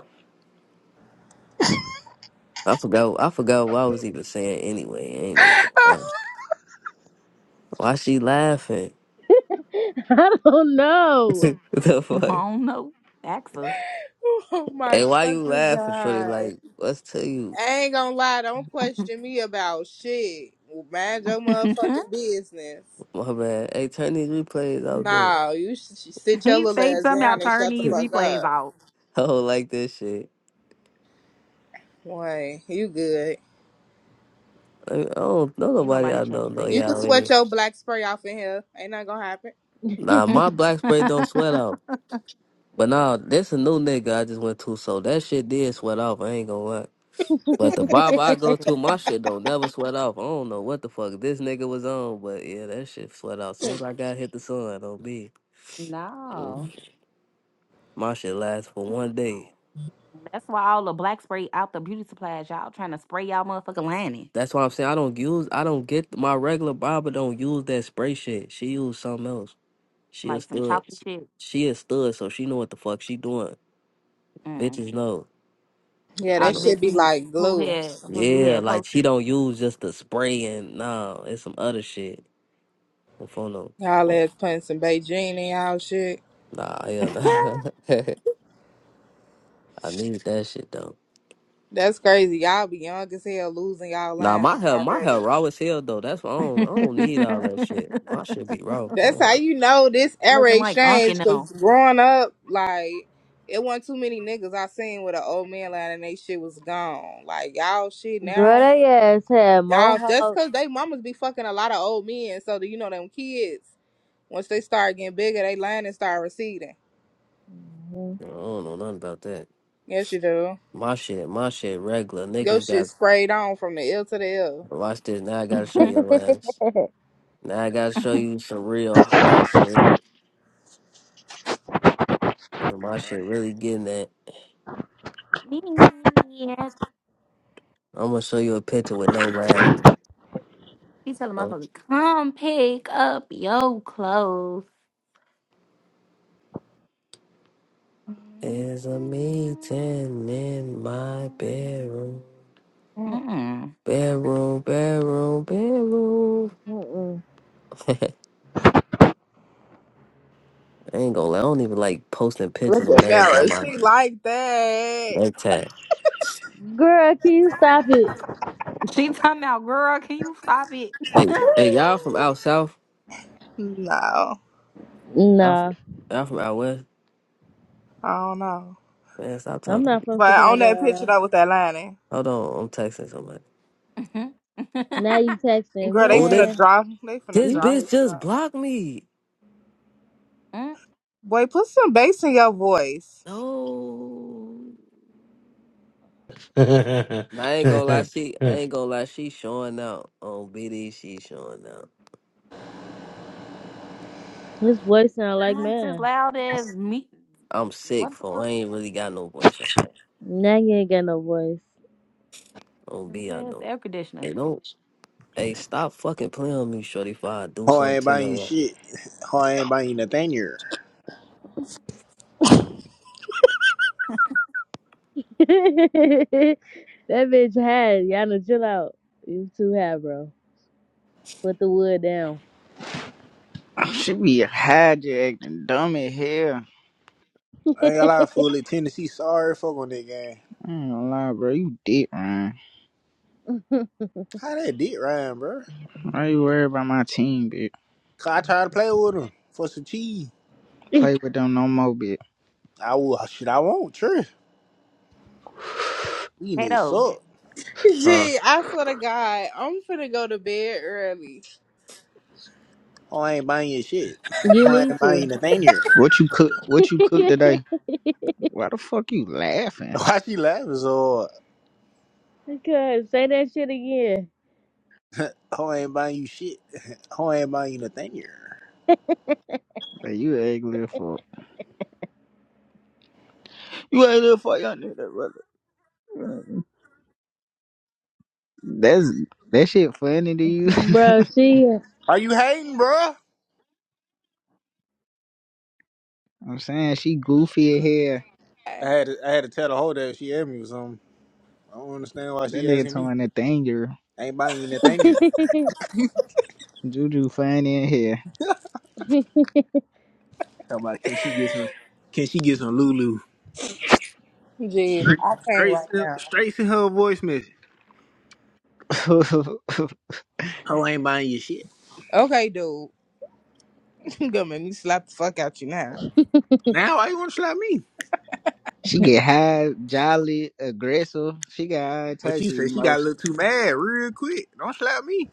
Speaker 13: I forgot I forgot what I was even saying anyway. I ain't even gonna lie. Why she laughing?
Speaker 1: I don't know.
Speaker 13: the
Speaker 12: I
Speaker 13: fuck?
Speaker 12: don't know. Axel.
Speaker 2: oh my
Speaker 13: Hey, why you
Speaker 2: fucking
Speaker 13: laughing, Shorty?
Speaker 2: god.
Speaker 13: Like, what's to you?
Speaker 2: I ain't gonna lie, don't question me about shit. Mind your
Speaker 12: he
Speaker 2: motherfucking business.
Speaker 13: My man. Hey, turn these replays out though.
Speaker 2: Nah, you should sh- sit your little
Speaker 12: say
Speaker 2: ass
Speaker 12: something about
Speaker 2: down and
Speaker 12: turn
Speaker 2: shut the
Speaker 13: I
Speaker 12: these
Speaker 2: fuck
Speaker 12: replays
Speaker 2: up.
Speaker 12: out.
Speaker 13: don't like this shit.
Speaker 2: Wait, you good.
Speaker 13: I, I don't know
Speaker 12: Ain't
Speaker 13: nobody
Speaker 12: nobody
Speaker 13: I
Speaker 12: checking
Speaker 13: don't
Speaker 12: for
Speaker 13: know
Speaker 12: you,
Speaker 2: You can
Speaker 13: y'all
Speaker 12: dude.
Speaker 2: sweat
Speaker 13: anyway.
Speaker 2: your black spray off in here. Ain't nothing gonna happen.
Speaker 13: Nah, my black spray don't sweat off. But nah, this a new nigga I just went to, so that shit did sweat off. I ain't gonna lie. But the barber I go to,
Speaker 12: See?
Speaker 13: my shit don't never sweat off. I don't know what the fuck this nigga was on, but yeah, that shit sweat off. Soon as I got hit the sun, on me, mm,
Speaker 12: No.
Speaker 13: my shit lasts for one
Speaker 12: No.
Speaker 13: day.
Speaker 12: That's why all the black spray out the beauty supplies, y'all trying to spray y'all motherfucking lining
Speaker 13: That's why I'm saying I don't use, I don't get my regular barber don't use that spray shit. She use something else. She a
Speaker 12: like some
Speaker 13: stud.
Speaker 12: chocolate chip.
Speaker 13: She a stud, so she know what the fuck she doing.
Speaker 12: Mm.
Speaker 13: Bitches know.
Speaker 2: Yeah,
Speaker 12: All
Speaker 2: that
Speaker 12: the bitch
Speaker 2: shit be
Speaker 12: who
Speaker 2: like
Speaker 12: who
Speaker 2: glue.
Speaker 12: had who you
Speaker 13: Yeah,
Speaker 12: had
Speaker 13: like
Speaker 12: posted
Speaker 13: she don't use just the spray and nah, it's some other shit. I'm from
Speaker 2: Y'all
Speaker 13: them.
Speaker 2: ass putting some Beijing in y'all shit.
Speaker 13: Nah, hell nah. I need that shit though.
Speaker 2: That's crazy. Y'all be young as hell losing y'all
Speaker 13: Nah, my
Speaker 2: land
Speaker 13: hair, my
Speaker 2: already.
Speaker 13: hair raw as hell though. That's why I don't, I don't need all that shit. My shit be raw. I
Speaker 2: That's how
Speaker 13: don't,
Speaker 2: you know this era
Speaker 12: looking like
Speaker 2: exchange.
Speaker 12: unking them.
Speaker 2: Cause growing up, like it wasn't too many niggas I seen with an old man line and they shit was gone. Like y'all shit
Speaker 1: Girl,
Speaker 2: now,
Speaker 1: they ass had
Speaker 2: y'all that's
Speaker 1: mohawk.
Speaker 2: cause they mamas be fucking a lot of old men. So do you know them kids? Once they start getting bigger, they line and start receding.
Speaker 1: Mhm.
Speaker 13: I don't know nothing about that.
Speaker 2: Yes, you do.
Speaker 13: My shit, my shit regular.
Speaker 2: Your
Speaker 13: Niggas
Speaker 2: shit
Speaker 13: got
Speaker 2: sprayed on from the ill to the ill.
Speaker 13: watch this. Now I gotta show your ass. Now I gotta show you some real hot shit. Cause my shit really getting that.
Speaker 12: yeah,
Speaker 13: I'm gonna show you a picture with no liner.
Speaker 12: she telling motherfucker, come pick up your clothes. Mm-hmm.
Speaker 13: There's a meeting in my bedroom.
Speaker 2: Mm.
Speaker 12: mm
Speaker 13: Bedroom, bedroom, bedroom.
Speaker 1: Mm-mm.
Speaker 13: I ain't gonna lie, I don't even like posting pictures when
Speaker 2: The
Speaker 13: I ain't got my
Speaker 2: she like that.
Speaker 13: neck tag.
Speaker 1: Girl, can you stop it?
Speaker 12: She talking about, girl, can you stop it?
Speaker 13: Hey, hey, y'all from out south?
Speaker 2: No,
Speaker 13: Y'all from,
Speaker 1: Nah,
Speaker 13: y'all from out west?
Speaker 2: I don't know.
Speaker 13: Man, stop
Speaker 1: I'm
Speaker 13: talking. to
Speaker 1: not
Speaker 13: me.
Speaker 1: from
Speaker 2: But
Speaker 1: Chicago
Speaker 2: on that
Speaker 1: at
Speaker 2: picture
Speaker 1: all.
Speaker 2: though with that lining.
Speaker 13: Hold on, I'm texting somebody.
Speaker 1: Now you texting,
Speaker 2: Girl, they
Speaker 13: Oh,
Speaker 2: finna
Speaker 13: this
Speaker 1: man.
Speaker 2: draw. They finna
Speaker 13: this
Speaker 1: You,
Speaker 2: draw his
Speaker 13: bitch
Speaker 2: shit
Speaker 13: just
Speaker 2: out.
Speaker 13: blocked me.
Speaker 2: Boy, put some bass in your voice.
Speaker 13: No. Nah, I ain't gonna lie, she I ain't gonna lie, she showing out on BD. She showing out.
Speaker 1: this voice sound like
Speaker 12: Mom's as
Speaker 1: man.
Speaker 12: loud as me.
Speaker 13: I'm sick
Speaker 12: What the
Speaker 13: for
Speaker 12: fuck?
Speaker 13: I ain't really got no voice. on
Speaker 1: Now you ain't got no voice.
Speaker 13: Oh, be I
Speaker 12: Where's the
Speaker 13: don't.
Speaker 12: air conditioner?
Speaker 13: Hey, don't. Hey, stop fucking playing on me, shorty. If I do
Speaker 11: Ho
Speaker 13: something
Speaker 11: ain't
Speaker 13: to
Speaker 11: buying you
Speaker 13: your ass,
Speaker 11: shit. Oh, I ain't buying you nothing here.
Speaker 1: that bitch had it. y'all know. Chill out. You too had, bro. Put the wood down.
Speaker 9: She be hijacked and dumb as hell.
Speaker 11: I ain't got a lot of fool at Tennessee. Sorry, fuck on that game.
Speaker 9: I ain't gonna lie, bro. You dick, man.
Speaker 11: How that dick rhyme, bro?
Speaker 9: Why you worry about my team, bitch?
Speaker 11: Cause I tried to play with him for some cheese.
Speaker 9: Play with them no more, bitch.
Speaker 11: I will. Shit, I won't. Sure. These
Speaker 12: Hey,
Speaker 11: niggas
Speaker 12: though.
Speaker 11: suck.
Speaker 13: huh?
Speaker 2: Gee, I swear to God, I'm finna go to bed early.
Speaker 11: Oh, I ain't buying you shit.
Speaker 1: You
Speaker 11: Oh, I
Speaker 1: need
Speaker 11: ain't buying you
Speaker 1: to.
Speaker 11: nothing here.
Speaker 9: What you cook? What you cook today? Why the fuck you laughing?
Speaker 11: Why she laughing so
Speaker 1: Cuz, say that shit again.
Speaker 11: hard? Ho ain't buying you shit. Oh, I ain't buying you nothing here.
Speaker 9: Bro, you ugly as fuck. You ugly as fuck, y'all nigga, brother. That's that shit funny to you.
Speaker 1: Bro, she.
Speaker 11: Are you hating, bro?
Speaker 9: I'm saying she goofy in here.
Speaker 11: I had to, I had to tell the whole that she had me with something. I don't understand why
Speaker 9: That
Speaker 11: she
Speaker 9: nigga
Speaker 11: asking me.
Speaker 9: talking that danger.
Speaker 11: I ain't buying you nothing. here.
Speaker 9: Juju fine in here.
Speaker 11: Talking about can she get some? Can she get some Lulu?
Speaker 2: Gee,
Speaker 11: Straight,
Speaker 2: I can't
Speaker 11: straight,
Speaker 2: right
Speaker 11: send-
Speaker 2: now.
Speaker 11: straight to her a voice message. Oh, I ain't buying you shit.
Speaker 2: Okay, dude. You gonna make me slap the fuck out you now.
Speaker 11: Now why you want to slap me?
Speaker 9: she get high, jolly, aggressive. She got all
Speaker 11: But
Speaker 9: types
Speaker 11: you
Speaker 9: of
Speaker 11: say she got a little
Speaker 9: emotions.
Speaker 11: too mad real quick. Don't slap me.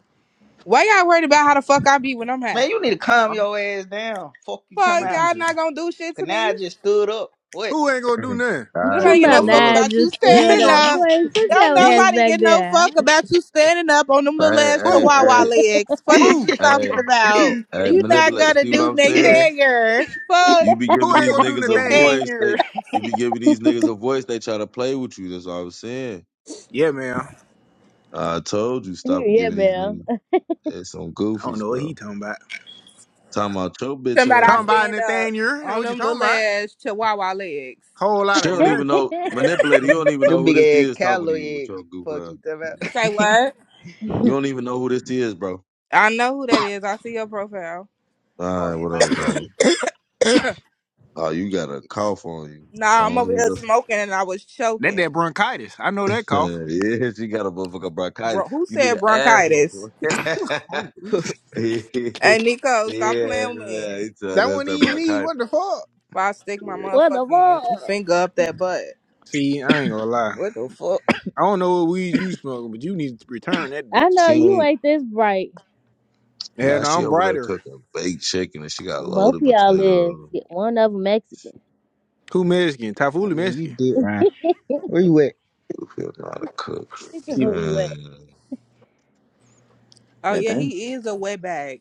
Speaker 2: Why y'all worried about how the fuck I be when I'm high?
Speaker 9: Man, you need to calm
Speaker 11: I'm,
Speaker 9: your ass down. Fuck you talking
Speaker 2: Fuck,
Speaker 11: what
Speaker 9: about.
Speaker 11: you
Speaker 2: y'all
Speaker 11: say?
Speaker 2: not gonna do shit
Speaker 9: Cause
Speaker 2: to
Speaker 9: now I
Speaker 2: me?
Speaker 9: just stood up. What?
Speaker 11: Who ain't gonna do
Speaker 15: Mhm.
Speaker 11: nothing?
Speaker 15: All right,
Speaker 1: Talking
Speaker 2: Nobody get no
Speaker 1: about
Speaker 15: so
Speaker 2: fuck
Speaker 1: now
Speaker 15: look,
Speaker 2: about you
Speaker 1: just
Speaker 11: You
Speaker 1: stood
Speaker 11: ain't
Speaker 2: standing
Speaker 11: gonna
Speaker 1: up.
Speaker 2: up.
Speaker 11: do.
Speaker 1: Boy, sit
Speaker 2: Don't
Speaker 1: your
Speaker 11: You
Speaker 1: ass
Speaker 11: ain't,
Speaker 2: nobody
Speaker 1: back
Speaker 2: get no
Speaker 1: there.
Speaker 2: fuck about you standing up on them little
Speaker 15: hey,
Speaker 2: ass
Speaker 15: hey,
Speaker 11: who?
Speaker 2: chihuahua
Speaker 15: hey,
Speaker 2: legs. Fuck
Speaker 9: the
Speaker 2: is
Speaker 11: Who?
Speaker 2: you
Speaker 15: hey,
Speaker 2: talking about?
Speaker 15: hey,
Speaker 2: You not
Speaker 15: manipulate.
Speaker 2: gonna
Speaker 15: See what
Speaker 2: do
Speaker 15: I'm saying?
Speaker 2: nothing. Fuck.
Speaker 15: You be
Speaker 11: Who
Speaker 15: giving
Speaker 11: ain't
Speaker 15: these
Speaker 11: gonna do
Speaker 15: niggas a
Speaker 11: nothing? here?
Speaker 9: thing
Speaker 15: voice. They, you be giving these niggas a voice. They try to play with you. That's all I'm saying.
Speaker 11: Yeah, man.
Speaker 15: I told you,
Speaker 1: Here,
Speaker 15: stop
Speaker 1: yeah,
Speaker 15: giving these
Speaker 1: ma'am.
Speaker 15: niggas eh, some
Speaker 11: I don't
Speaker 15: goofies,
Speaker 11: know what he
Speaker 15: bro.
Speaker 11: talking about.
Speaker 15: Talking about your bitch
Speaker 2: Somebody
Speaker 15: ass.
Speaker 2: I
Speaker 11: Talking
Speaker 15: nigga.
Speaker 11: about
Speaker 2: stand up
Speaker 11: Nathaniel. That's
Speaker 2: on
Speaker 11: what you
Speaker 2: them
Speaker 11: talking
Speaker 2: little
Speaker 11: about?
Speaker 2: ass chihuahua legs.
Speaker 11: Whole lot
Speaker 15: She
Speaker 11: of
Speaker 15: don't even
Speaker 11: nothing.
Speaker 15: know.
Speaker 9: nah,
Speaker 15: Manipulator, you
Speaker 9: them,
Speaker 15: don't even
Speaker 9: them
Speaker 15: know who
Speaker 9: big
Speaker 15: this
Speaker 9: ass
Speaker 15: is talking
Speaker 9: callow
Speaker 15: to you with
Speaker 9: eggs.
Speaker 15: your goof
Speaker 9: Fuck
Speaker 15: ass.
Speaker 9: you talking about.
Speaker 2: You say what?
Speaker 15: You don't even know who this is, bro.
Speaker 2: I know who that is. I see your profile.
Speaker 15: All
Speaker 11: Oh,
Speaker 15: right,
Speaker 11: ain't
Speaker 15: whatever,
Speaker 11: buying you shit.
Speaker 15: dude. Oh, you got a cough on you. Go
Speaker 2: Nah, I'm
Speaker 15: on
Speaker 2: over here
Speaker 15: here,
Speaker 2: smoking and I was
Speaker 11: That
Speaker 2: choking.
Speaker 11: that bronchitis. I know that cough.
Speaker 15: yeah, she got a motherfucker
Speaker 2: Bro,
Speaker 15: bronchitis.
Speaker 2: who
Speaker 15: You need
Speaker 2: said
Speaker 15: an asthma
Speaker 2: bronchitis?
Speaker 15: for it.
Speaker 2: Hey, Nico, stop
Speaker 15: yeah,
Speaker 2: playing with
Speaker 15: nah,
Speaker 2: me.
Speaker 15: it's, uh,
Speaker 11: That
Speaker 15: that's
Speaker 11: wasn't
Speaker 15: that
Speaker 11: even me.
Speaker 15: bronchitis.
Speaker 11: What the fuck?
Speaker 2: If I stick my
Speaker 15: Yeah.
Speaker 1: what the
Speaker 2: motherfucking
Speaker 1: fuck?
Speaker 2: finger up that butt.
Speaker 11: See, I ain't gonna lie.
Speaker 9: what the fuck?
Speaker 11: I don't know what weed you smoking, but you need to return that
Speaker 1: I
Speaker 11: bitch.
Speaker 1: know
Speaker 15: She
Speaker 1: you
Speaker 15: ain't,
Speaker 1: ain't this bright.
Speaker 15: nah,
Speaker 11: And
Speaker 15: she
Speaker 11: I'm
Speaker 15: over there
Speaker 11: brighter.
Speaker 15: cooking baked chicken and she got
Speaker 1: Both
Speaker 15: loaded
Speaker 1: of y'all is.
Speaker 15: potatoes.
Speaker 1: Get one of them Mexican.
Speaker 15: She
Speaker 11: Who Mexican?
Speaker 9: Oh,
Speaker 11: Tafuli
Speaker 9: yeah, you
Speaker 11: Mexican.
Speaker 9: did, Ryan. Where you at?
Speaker 15: don't know how to cook.
Speaker 1: Look at
Speaker 11: See
Speaker 1: Who you at?
Speaker 15: Mm.
Speaker 2: Oh
Speaker 11: that
Speaker 2: yeah,
Speaker 11: thing?
Speaker 2: he is a way back.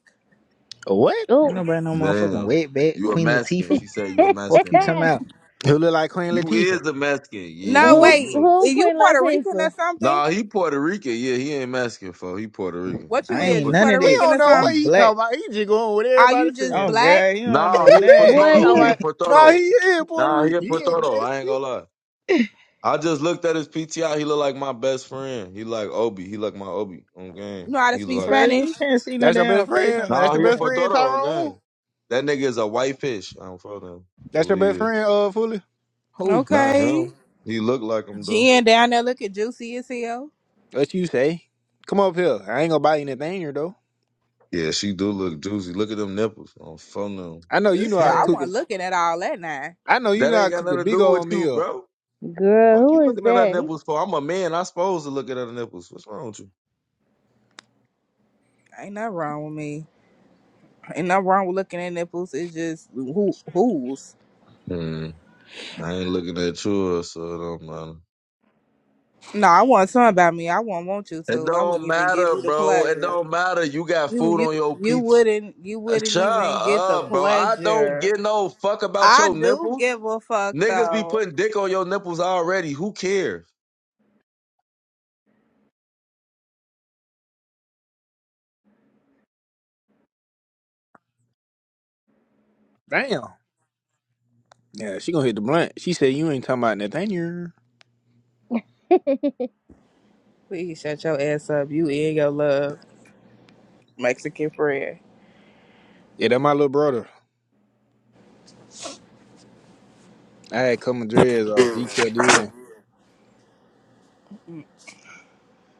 Speaker 11: A What?
Speaker 1: Oh.
Speaker 9: Ain't nobody no motherfucking
Speaker 15: Damn.
Speaker 9: wetback,
Speaker 15: You a
Speaker 9: Queen
Speaker 15: Mexican.
Speaker 9: Latifah.
Speaker 15: She said you a
Speaker 9: Fuck
Speaker 15: Mexican
Speaker 9: you
Speaker 15: nigga.
Speaker 9: talking about.
Speaker 11: Who look like Queen
Speaker 15: You
Speaker 11: Latifah?
Speaker 15: is a Mexican. Yeah,
Speaker 2: No,
Speaker 15: you
Speaker 1: who,
Speaker 15: a,
Speaker 2: wait.
Speaker 15: you
Speaker 2: Are
Speaker 1: who,
Speaker 2: you
Speaker 1: Queen
Speaker 2: Puerto Rican or
Speaker 1: Latifah?
Speaker 15: a.
Speaker 2: something?
Speaker 15: Nah, he Puerto Rican. Yeah, he ain't Mexican, for He Puerto Rican.
Speaker 2: What you
Speaker 9: I
Speaker 15: He a
Speaker 2: is?
Speaker 9: ain't
Speaker 2: You
Speaker 15: put
Speaker 9: none of
Speaker 2: Puerto
Speaker 11: He
Speaker 9: that.
Speaker 2: Rican
Speaker 11: don't
Speaker 2: or
Speaker 11: know what
Speaker 2: something?
Speaker 9: I'm
Speaker 11: he
Speaker 9: black.
Speaker 11: talking about. He just going with
Speaker 2: Are
Speaker 11: everybody
Speaker 2: you just
Speaker 11: saying.
Speaker 9: Oh
Speaker 2: black?
Speaker 9: god, you don't know
Speaker 15: No, he a
Speaker 11: he
Speaker 9: nothing.
Speaker 1: Boy,
Speaker 11: talking
Speaker 15: Potoro. He
Speaker 1: you.
Speaker 15: a
Speaker 11: about, no, he
Speaker 15: Potoro.
Speaker 11: is Puerto
Speaker 15: Nah, he
Speaker 11: Rican.
Speaker 15: a
Speaker 11: He ain't
Speaker 15: Potoro. I ain't
Speaker 11: Mexican.
Speaker 15: gonna lie. I just looked at his PTI. He look like my best friend. He like Obi. He like my Obi on game.
Speaker 2: You know how to
Speaker 15: He
Speaker 2: speak
Speaker 15: like
Speaker 9: Bro,
Speaker 2: Spanish?
Speaker 9: you can't see no
Speaker 11: That's your
Speaker 9: damn
Speaker 11: best
Speaker 9: face
Speaker 11: friend.
Speaker 9: on
Speaker 11: uh,
Speaker 9: no
Speaker 11: That's
Speaker 15: Nah,
Speaker 11: your
Speaker 15: he a
Speaker 11: best
Speaker 9: man.
Speaker 11: friend,
Speaker 15: Potoro on
Speaker 11: Tyrone.
Speaker 15: game. That nigga is a whitefish. I don't fuck him. That's
Speaker 11: That's your
Speaker 15: what he
Speaker 11: best
Speaker 15: is.
Speaker 11: friend, uh, Fully.
Speaker 9: Who?
Speaker 15: Not
Speaker 2: Okay.
Speaker 15: him. He look like him though.
Speaker 2: Jen down there looking juicy as hell.
Speaker 11: What you say? Come up here. I ain't gonna buy anything here though.
Speaker 15: Yeah, she do look juicy. Look at them nipples. I don't fuck them.
Speaker 11: I know you
Speaker 2: Ew,
Speaker 11: know how to
Speaker 2: I
Speaker 11: cook a.
Speaker 2: wasn't looking at all that now.
Speaker 11: I know you
Speaker 15: that
Speaker 11: know how
Speaker 15: ain't
Speaker 11: to
Speaker 15: got
Speaker 11: cook a
Speaker 15: nothing to
Speaker 11: big
Speaker 15: do with
Speaker 11: old
Speaker 15: you,
Speaker 11: meal.
Speaker 15: bro.
Speaker 1: Girl,
Speaker 15: Fuck
Speaker 1: who
Speaker 15: you
Speaker 1: is
Speaker 15: looking at her
Speaker 1: that? He-
Speaker 15: nipples for? I'm a man. I supposed to look at her nipples. What's wrong with
Speaker 2: Ain't nothing wrong with me. Ain't nothing wrong with looking at nipples. It's just who who's.
Speaker 15: you? I ain't looking at yours, so it don't matter.
Speaker 2: No, I want something about me. I won't want you
Speaker 15: It
Speaker 2: to. I wouldn't
Speaker 15: don't
Speaker 2: even give
Speaker 15: matter,
Speaker 2: you the
Speaker 15: bro. It
Speaker 2: pleasure.
Speaker 15: don't matter. You got
Speaker 2: You
Speaker 15: food
Speaker 2: you
Speaker 15: on your
Speaker 2: you
Speaker 15: pizza.
Speaker 2: wouldn't you wouldn't
Speaker 15: Shut
Speaker 2: even get the
Speaker 15: up, bro. I don't
Speaker 2: pleasure.
Speaker 15: get no fuck about
Speaker 2: I
Speaker 15: your
Speaker 2: do
Speaker 15: nipples.
Speaker 2: give a fuck
Speaker 15: Niggas be
Speaker 2: though.
Speaker 15: putting dick on your nipples already. Who cares?
Speaker 11: Damn. Yeah, she gonna hit the blunt. She said you ain't talking about Nathaniel.
Speaker 2: Please shut your ass up. You and your love Mexican friend.
Speaker 11: Yeah, that my little brother. I had come dreads on. He killed it.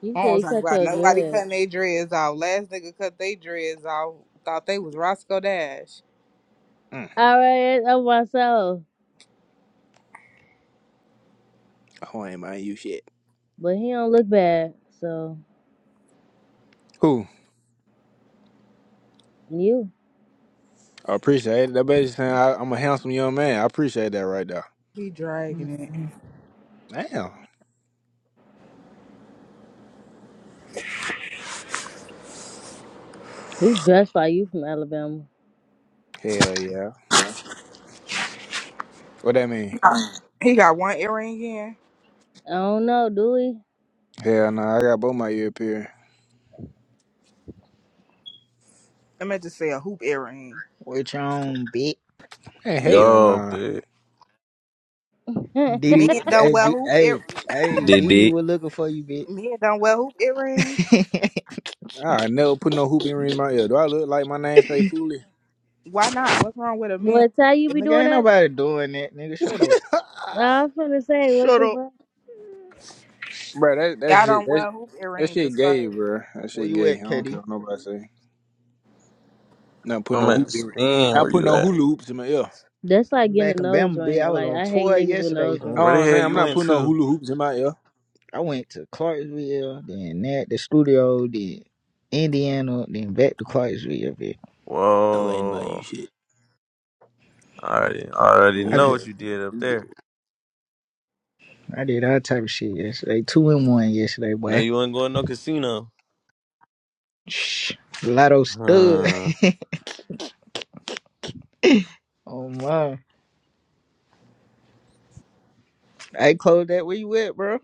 Speaker 1: You
Speaker 2: I don't
Speaker 1: should
Speaker 2: talk
Speaker 1: cut
Speaker 2: about
Speaker 1: your
Speaker 2: nobody
Speaker 1: dread.
Speaker 2: cutting their dreads off. Last nigga cut their dreads off. Thought they was Roscoe Dash.
Speaker 11: Mm.
Speaker 1: All right, it's on my soul.
Speaker 11: Oh, I ain't mind you shit.
Speaker 1: But he don't look bad. So
Speaker 11: Who?
Speaker 1: and you,
Speaker 11: I appreciate it. That bitch saying I, I'm a handsome young man. I appreciate that right there.
Speaker 2: He dragging it.
Speaker 11: Damn.
Speaker 1: he dressed like you from Alabama.
Speaker 11: Hell yeah. What that mean?
Speaker 2: He got one earring in.
Speaker 1: I don't know, do he?
Speaker 11: Hell nah. I got both my ear pierced.
Speaker 2: I meant to say a hoop earring.
Speaker 9: With your own bitch.
Speaker 11: Hey, hell
Speaker 16: Yo,
Speaker 11: nah.
Speaker 16: bitch.
Speaker 9: Diddy
Speaker 2: Men don't
Speaker 9: hey
Speaker 2: wear
Speaker 9: D-
Speaker 2: hoop ear.
Speaker 9: hey hey
Speaker 16: Did
Speaker 9: Diddy
Speaker 16: it?
Speaker 9: We're looking for you, bitch.
Speaker 2: Men don't wear hoop earrings.
Speaker 11: I never put no hoop earring in my ear. Do I look like my name say Foolie?
Speaker 2: Why not? What's wrong with a man?
Speaker 1: what how you be
Speaker 9: nigga
Speaker 1: doing
Speaker 9: ain't
Speaker 1: that?
Speaker 9: nobody doing that, nigga. Shut up.
Speaker 1: Nah, I was gonna say, what
Speaker 9: Shut
Speaker 1: the
Speaker 9: up.
Speaker 1: fuck?
Speaker 11: Bro, that that
Speaker 2: Y'all
Speaker 11: shit
Speaker 2: don't
Speaker 11: that
Speaker 2: wear hoop
Speaker 11: that
Speaker 2: earrings.
Speaker 11: shit
Speaker 2: It's
Speaker 11: gay,
Speaker 2: crazy.
Speaker 11: bro. That
Speaker 9: Where
Speaker 11: shit
Speaker 9: you
Speaker 11: gay. I
Speaker 9: at,
Speaker 11: don't care
Speaker 9: KD?
Speaker 11: what nobody say. Not putting
Speaker 16: I'm
Speaker 11: no
Speaker 16: at
Speaker 11: hoop
Speaker 16: the
Speaker 11: in it.
Speaker 16: spin.
Speaker 11: Not
Speaker 16: Where
Speaker 11: putting
Speaker 16: you
Speaker 11: no hula
Speaker 16: at?
Speaker 11: hoops in my ear.
Speaker 1: That's like
Speaker 9: I'm
Speaker 1: getting a
Speaker 9: back in
Speaker 1: nose
Speaker 9: Bama, bitch.
Speaker 1: ring.
Speaker 9: I was
Speaker 1: Like
Speaker 9: on
Speaker 1: I hate
Speaker 9: tour
Speaker 1: niggas with
Speaker 9: yesterday.
Speaker 1: nose
Speaker 11: know what
Speaker 1: rings.
Speaker 16: Where the
Speaker 11: I'm
Speaker 16: hell
Speaker 11: saying? I'm
Speaker 16: you
Speaker 11: not
Speaker 16: went
Speaker 11: putting no
Speaker 16: to?
Speaker 11: hula hoops in my ear.
Speaker 9: I went to Clarksville, then that the studio, then Indiana, then back to Clarksville. Bitch.
Speaker 11: Who ain't buying you
Speaker 16: Whoa.
Speaker 11: shit?
Speaker 16: I already, I already
Speaker 11: Who
Speaker 9: I
Speaker 11: ain't
Speaker 16: know
Speaker 9: did,
Speaker 16: what
Speaker 11: buying?
Speaker 16: you did up there.
Speaker 9: I did all type of shit yesterday. Two and one yesterday,
Speaker 16: No,
Speaker 9: boy.
Speaker 16: you ain't going to no casino.
Speaker 9: Shh. Lotto stud.
Speaker 16: Hmm.
Speaker 9: oh my. I closed that. Where you at, bro?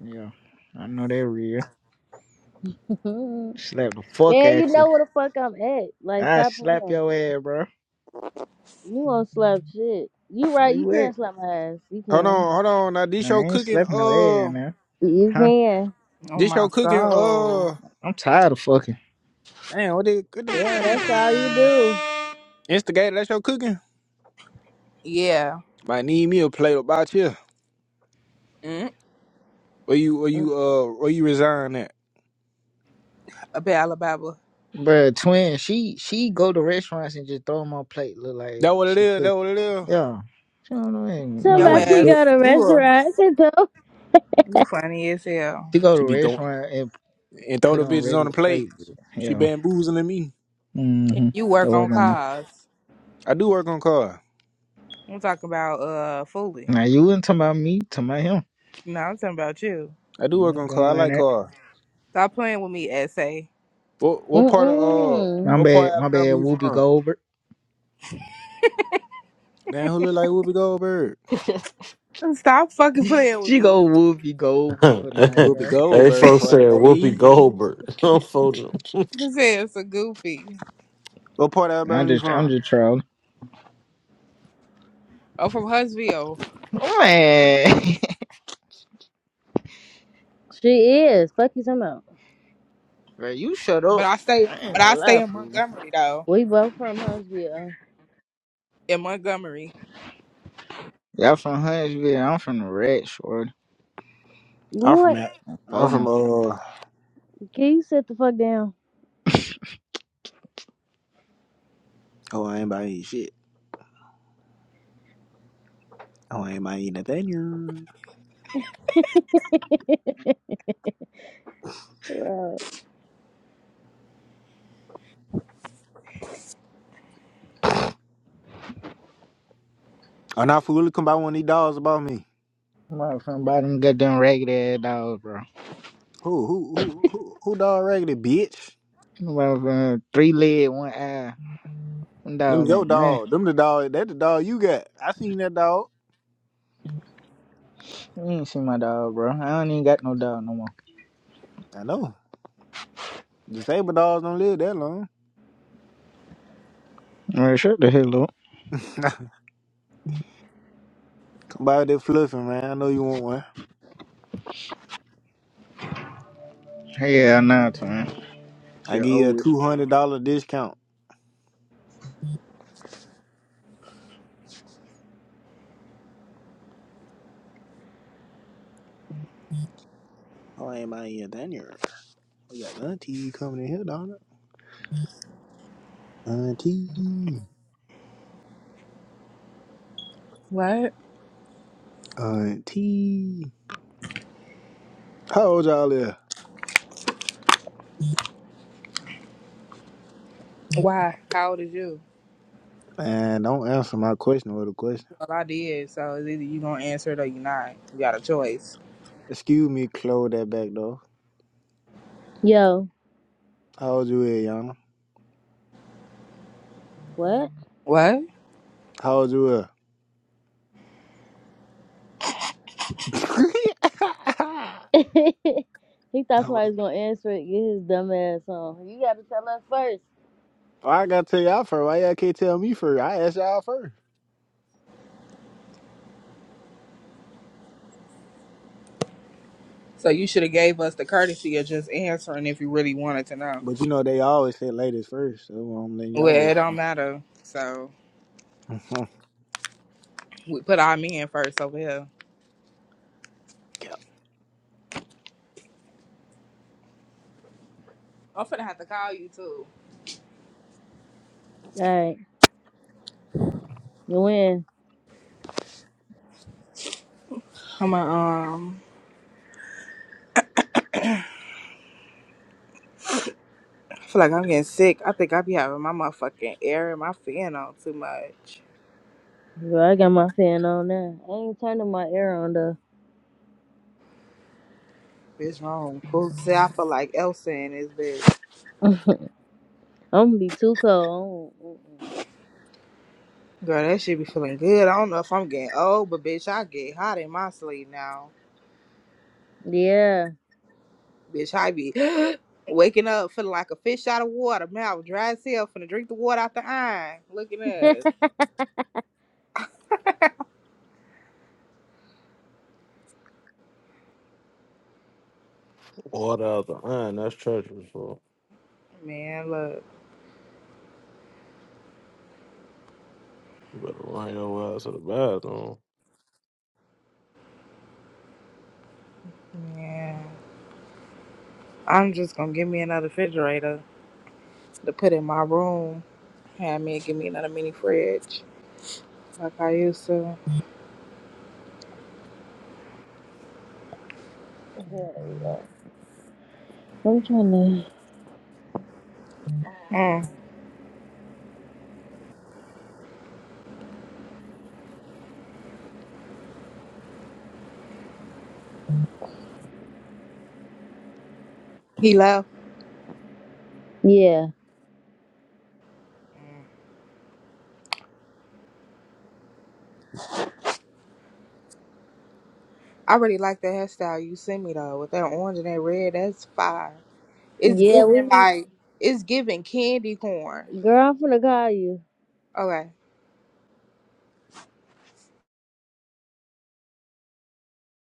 Speaker 9: Yeah, I know that real.
Speaker 1: Man,
Speaker 9: Slap the fuck
Speaker 1: you
Speaker 9: at you.
Speaker 1: know where the fuck I'm at. Like
Speaker 9: I
Speaker 1: stop
Speaker 9: slap
Speaker 1: playing.
Speaker 9: your ass, bro.
Speaker 1: You won't slap shit. You
Speaker 9: Where
Speaker 1: right? You
Speaker 9: you at?
Speaker 1: can't slap my ass. You
Speaker 11: Hold
Speaker 1: can.
Speaker 11: on, hold on. Now this
Speaker 9: Nah, I
Speaker 11: show
Speaker 9: ain't
Speaker 11: cooking.
Speaker 9: slapping no ass
Speaker 11: Uh,
Speaker 9: now.
Speaker 1: You
Speaker 9: Huh?
Speaker 1: can.
Speaker 2: Oh
Speaker 11: this
Speaker 2: my
Speaker 11: show cooking.
Speaker 2: soul.
Speaker 11: Uh,
Speaker 9: I'm tired of fucking.
Speaker 11: damn. What they? What they?
Speaker 1: Damn, that's
Speaker 11: Damn.
Speaker 1: all you do.
Speaker 11: Instigator. That show cooking.
Speaker 2: Yeah.
Speaker 11: Might need me a plate about you.
Speaker 2: Mm,
Speaker 11: Where you? Where you? Uh, where you resign at?
Speaker 2: about Alabama.
Speaker 9: Bruh, twin, she she go to restaurants and just throw them on plate. Look like
Speaker 11: That what it
Speaker 9: she
Speaker 11: is.
Speaker 9: cook.
Speaker 11: That what it is.
Speaker 9: Yeah. you know not know, ain't know
Speaker 2: Yo
Speaker 9: how
Speaker 1: Somebody
Speaker 9: to
Speaker 1: she
Speaker 9: cook.
Speaker 1: got
Speaker 2: ass,
Speaker 1: a
Speaker 2: you are
Speaker 1: restaurant. you know?
Speaker 2: you funny as hell.
Speaker 9: She go to
Speaker 11: She
Speaker 9: a
Speaker 11: be throwing
Speaker 9: restaurant and
Speaker 11: and throw
Speaker 9: put
Speaker 11: the
Speaker 9: on
Speaker 11: bitches on the
Speaker 9: regular
Speaker 11: plate.
Speaker 9: plates.
Speaker 11: She
Speaker 9: Yeah.
Speaker 11: bamboozling me.
Speaker 2: And
Speaker 9: Mm-hmm.
Speaker 2: You
Speaker 9: That
Speaker 2: work on
Speaker 9: work on that.
Speaker 2: cars.
Speaker 11: I do work on car.
Speaker 2: I'm talking about uh Foley.
Speaker 9: Now you wasn't talking about me, talking about him.
Speaker 2: No, I'm talking about you.
Speaker 11: I
Speaker 9: I
Speaker 11: do work
Speaker 9: ain't
Speaker 11: on car. I
Speaker 9: doing
Speaker 11: like
Speaker 9: that.
Speaker 11: car.
Speaker 2: Stop playing with me, essay.
Speaker 11: What what part of uh
Speaker 1: Mm-mm.
Speaker 9: My
Speaker 11: what part
Speaker 9: bad,
Speaker 11: of
Speaker 9: my
Speaker 11: Alabama
Speaker 9: bad.
Speaker 11: you
Speaker 9: Whoopi
Speaker 11: from?
Speaker 9: Goldberg.
Speaker 11: Damn, who look like Whoopi Goldberg?
Speaker 2: Stop fucking playing with
Speaker 9: She
Speaker 2: me.
Speaker 9: go Whoopi Goldberg for the night,
Speaker 11: Whoopi
Speaker 9: man.
Speaker 11: Goldberg
Speaker 14: folks
Speaker 11: for the
Speaker 14: said
Speaker 11: day.
Speaker 14: Whoopi Goldberg. I'm folding them.
Speaker 2: This is a goofy.
Speaker 11: What part of
Speaker 9: I
Speaker 11: Alabama you
Speaker 9: just,
Speaker 11: from?
Speaker 9: I'm just trolling.
Speaker 2: I'm from Huntsville,
Speaker 9: Man,
Speaker 1: She is. Fuck you talking about.
Speaker 9: bro, you shut
Speaker 2: but
Speaker 9: up.
Speaker 2: I stay
Speaker 9: I ain't
Speaker 2: but
Speaker 9: gonna
Speaker 2: I stay
Speaker 9: lie,
Speaker 2: in
Speaker 9: fool.
Speaker 2: Montgomery though.
Speaker 1: We both from Huntsville.
Speaker 2: In Montgomery.
Speaker 9: Y'all from Huntsville. I'm from the Red Short.
Speaker 11: I'm from
Speaker 1: What?
Speaker 11: Al-
Speaker 9: Oh
Speaker 11: I'm from
Speaker 9: no,
Speaker 11: uh oh
Speaker 1: Can you sit the fuck down?
Speaker 11: I ain't about to eat shit. Oh I ain't about to eat nothing.
Speaker 1: Bro.
Speaker 11: Oh now fool come by one of these dogs about me.
Speaker 9: I'm from bottom goddamn ragged ass dogs, bro.
Speaker 11: Who who who who who dog raggedy bitch?
Speaker 9: About uh, three leg, one eye. Them
Speaker 11: Them
Speaker 9: dogs
Speaker 11: your
Speaker 9: ain't nah.
Speaker 11: dog. Them the dog that the dog you got. I seen that dog.
Speaker 9: You ain't see my dog, bro. I don't even got no dog no more.
Speaker 11: I know. Disabled dogs don't live that long.
Speaker 9: Man, shut the hell up.
Speaker 11: About that fluffing, man. I know you want one.
Speaker 9: Hell nah, twin.
Speaker 11: I
Speaker 9: Shit
Speaker 11: give you a
Speaker 9: old.
Speaker 11: two hundred dollar discount. Oh, I ain't buying you a diner. We got auntie coming in here, Donna. Auntie,
Speaker 2: What?
Speaker 11: auntie. How old y'all is?
Speaker 2: Why? How old is you?
Speaker 11: Man, don't answer my question with a question.
Speaker 2: Well, I did. So it's either you gonna answer it or you not. You got a choice.
Speaker 11: Excuse me, close that back door.
Speaker 1: Yo,
Speaker 11: How old you is, Yana?
Speaker 1: what?
Speaker 2: What?
Speaker 11: How old you is?
Speaker 1: he thought somebody was gonna answer it. Get his dumb ass on. You gotta tell us first.
Speaker 11: Why I gotta tell y'all first. Why y'all can't tell me first? I asked y'all first.
Speaker 2: So you should have gave us the courtesy of just answering if you really wanted to know.
Speaker 11: But you know they always say ladies first, so I'm letting
Speaker 2: Well,
Speaker 11: y'all
Speaker 2: it
Speaker 11: go.
Speaker 2: don't matter. So we put our men first over here. I'm finna have to call you too.
Speaker 1: Alright, you win.
Speaker 2: I'm a, um. I feel like I'm getting sick. I think I be having my motherfucking air and my fan on too much.
Speaker 1: Girl, I got my fan on now. I ain't turning my air on though.
Speaker 2: Bitch, wrong. Cool. See, I feel like Elsa in this bitch.
Speaker 1: I'm gonna be too cold. I don't-
Speaker 2: Girl, that shit be feeling good. I don't know if I'm getting old, but bitch, I get hot in my sleep now.
Speaker 1: mm-mm.
Speaker 2: Bitch, I be waking up feeling like a fish out of water. Man, I was dry as hell finna drink the water out the iron. Look at
Speaker 1: Yeah.
Speaker 2: this.
Speaker 14: water out the line. That's treacherous, bro.
Speaker 2: Man, look.
Speaker 14: You better run your ass to the bathroom.
Speaker 2: Man. I'm just gonna give me another refrigerator to put in my room. Have me give me another mini fridge like I used to.
Speaker 1: I'm trying to.
Speaker 2: Mm. He left.
Speaker 1: Yeah.
Speaker 2: Mm. I really like that hairstyle you sent me though with that orange and that red. That's fire. It's
Speaker 1: Yeah, we
Speaker 2: giving
Speaker 1: need.
Speaker 2: like it's giving candy corn.
Speaker 1: Girl, I'm finna call you.
Speaker 2: Okay.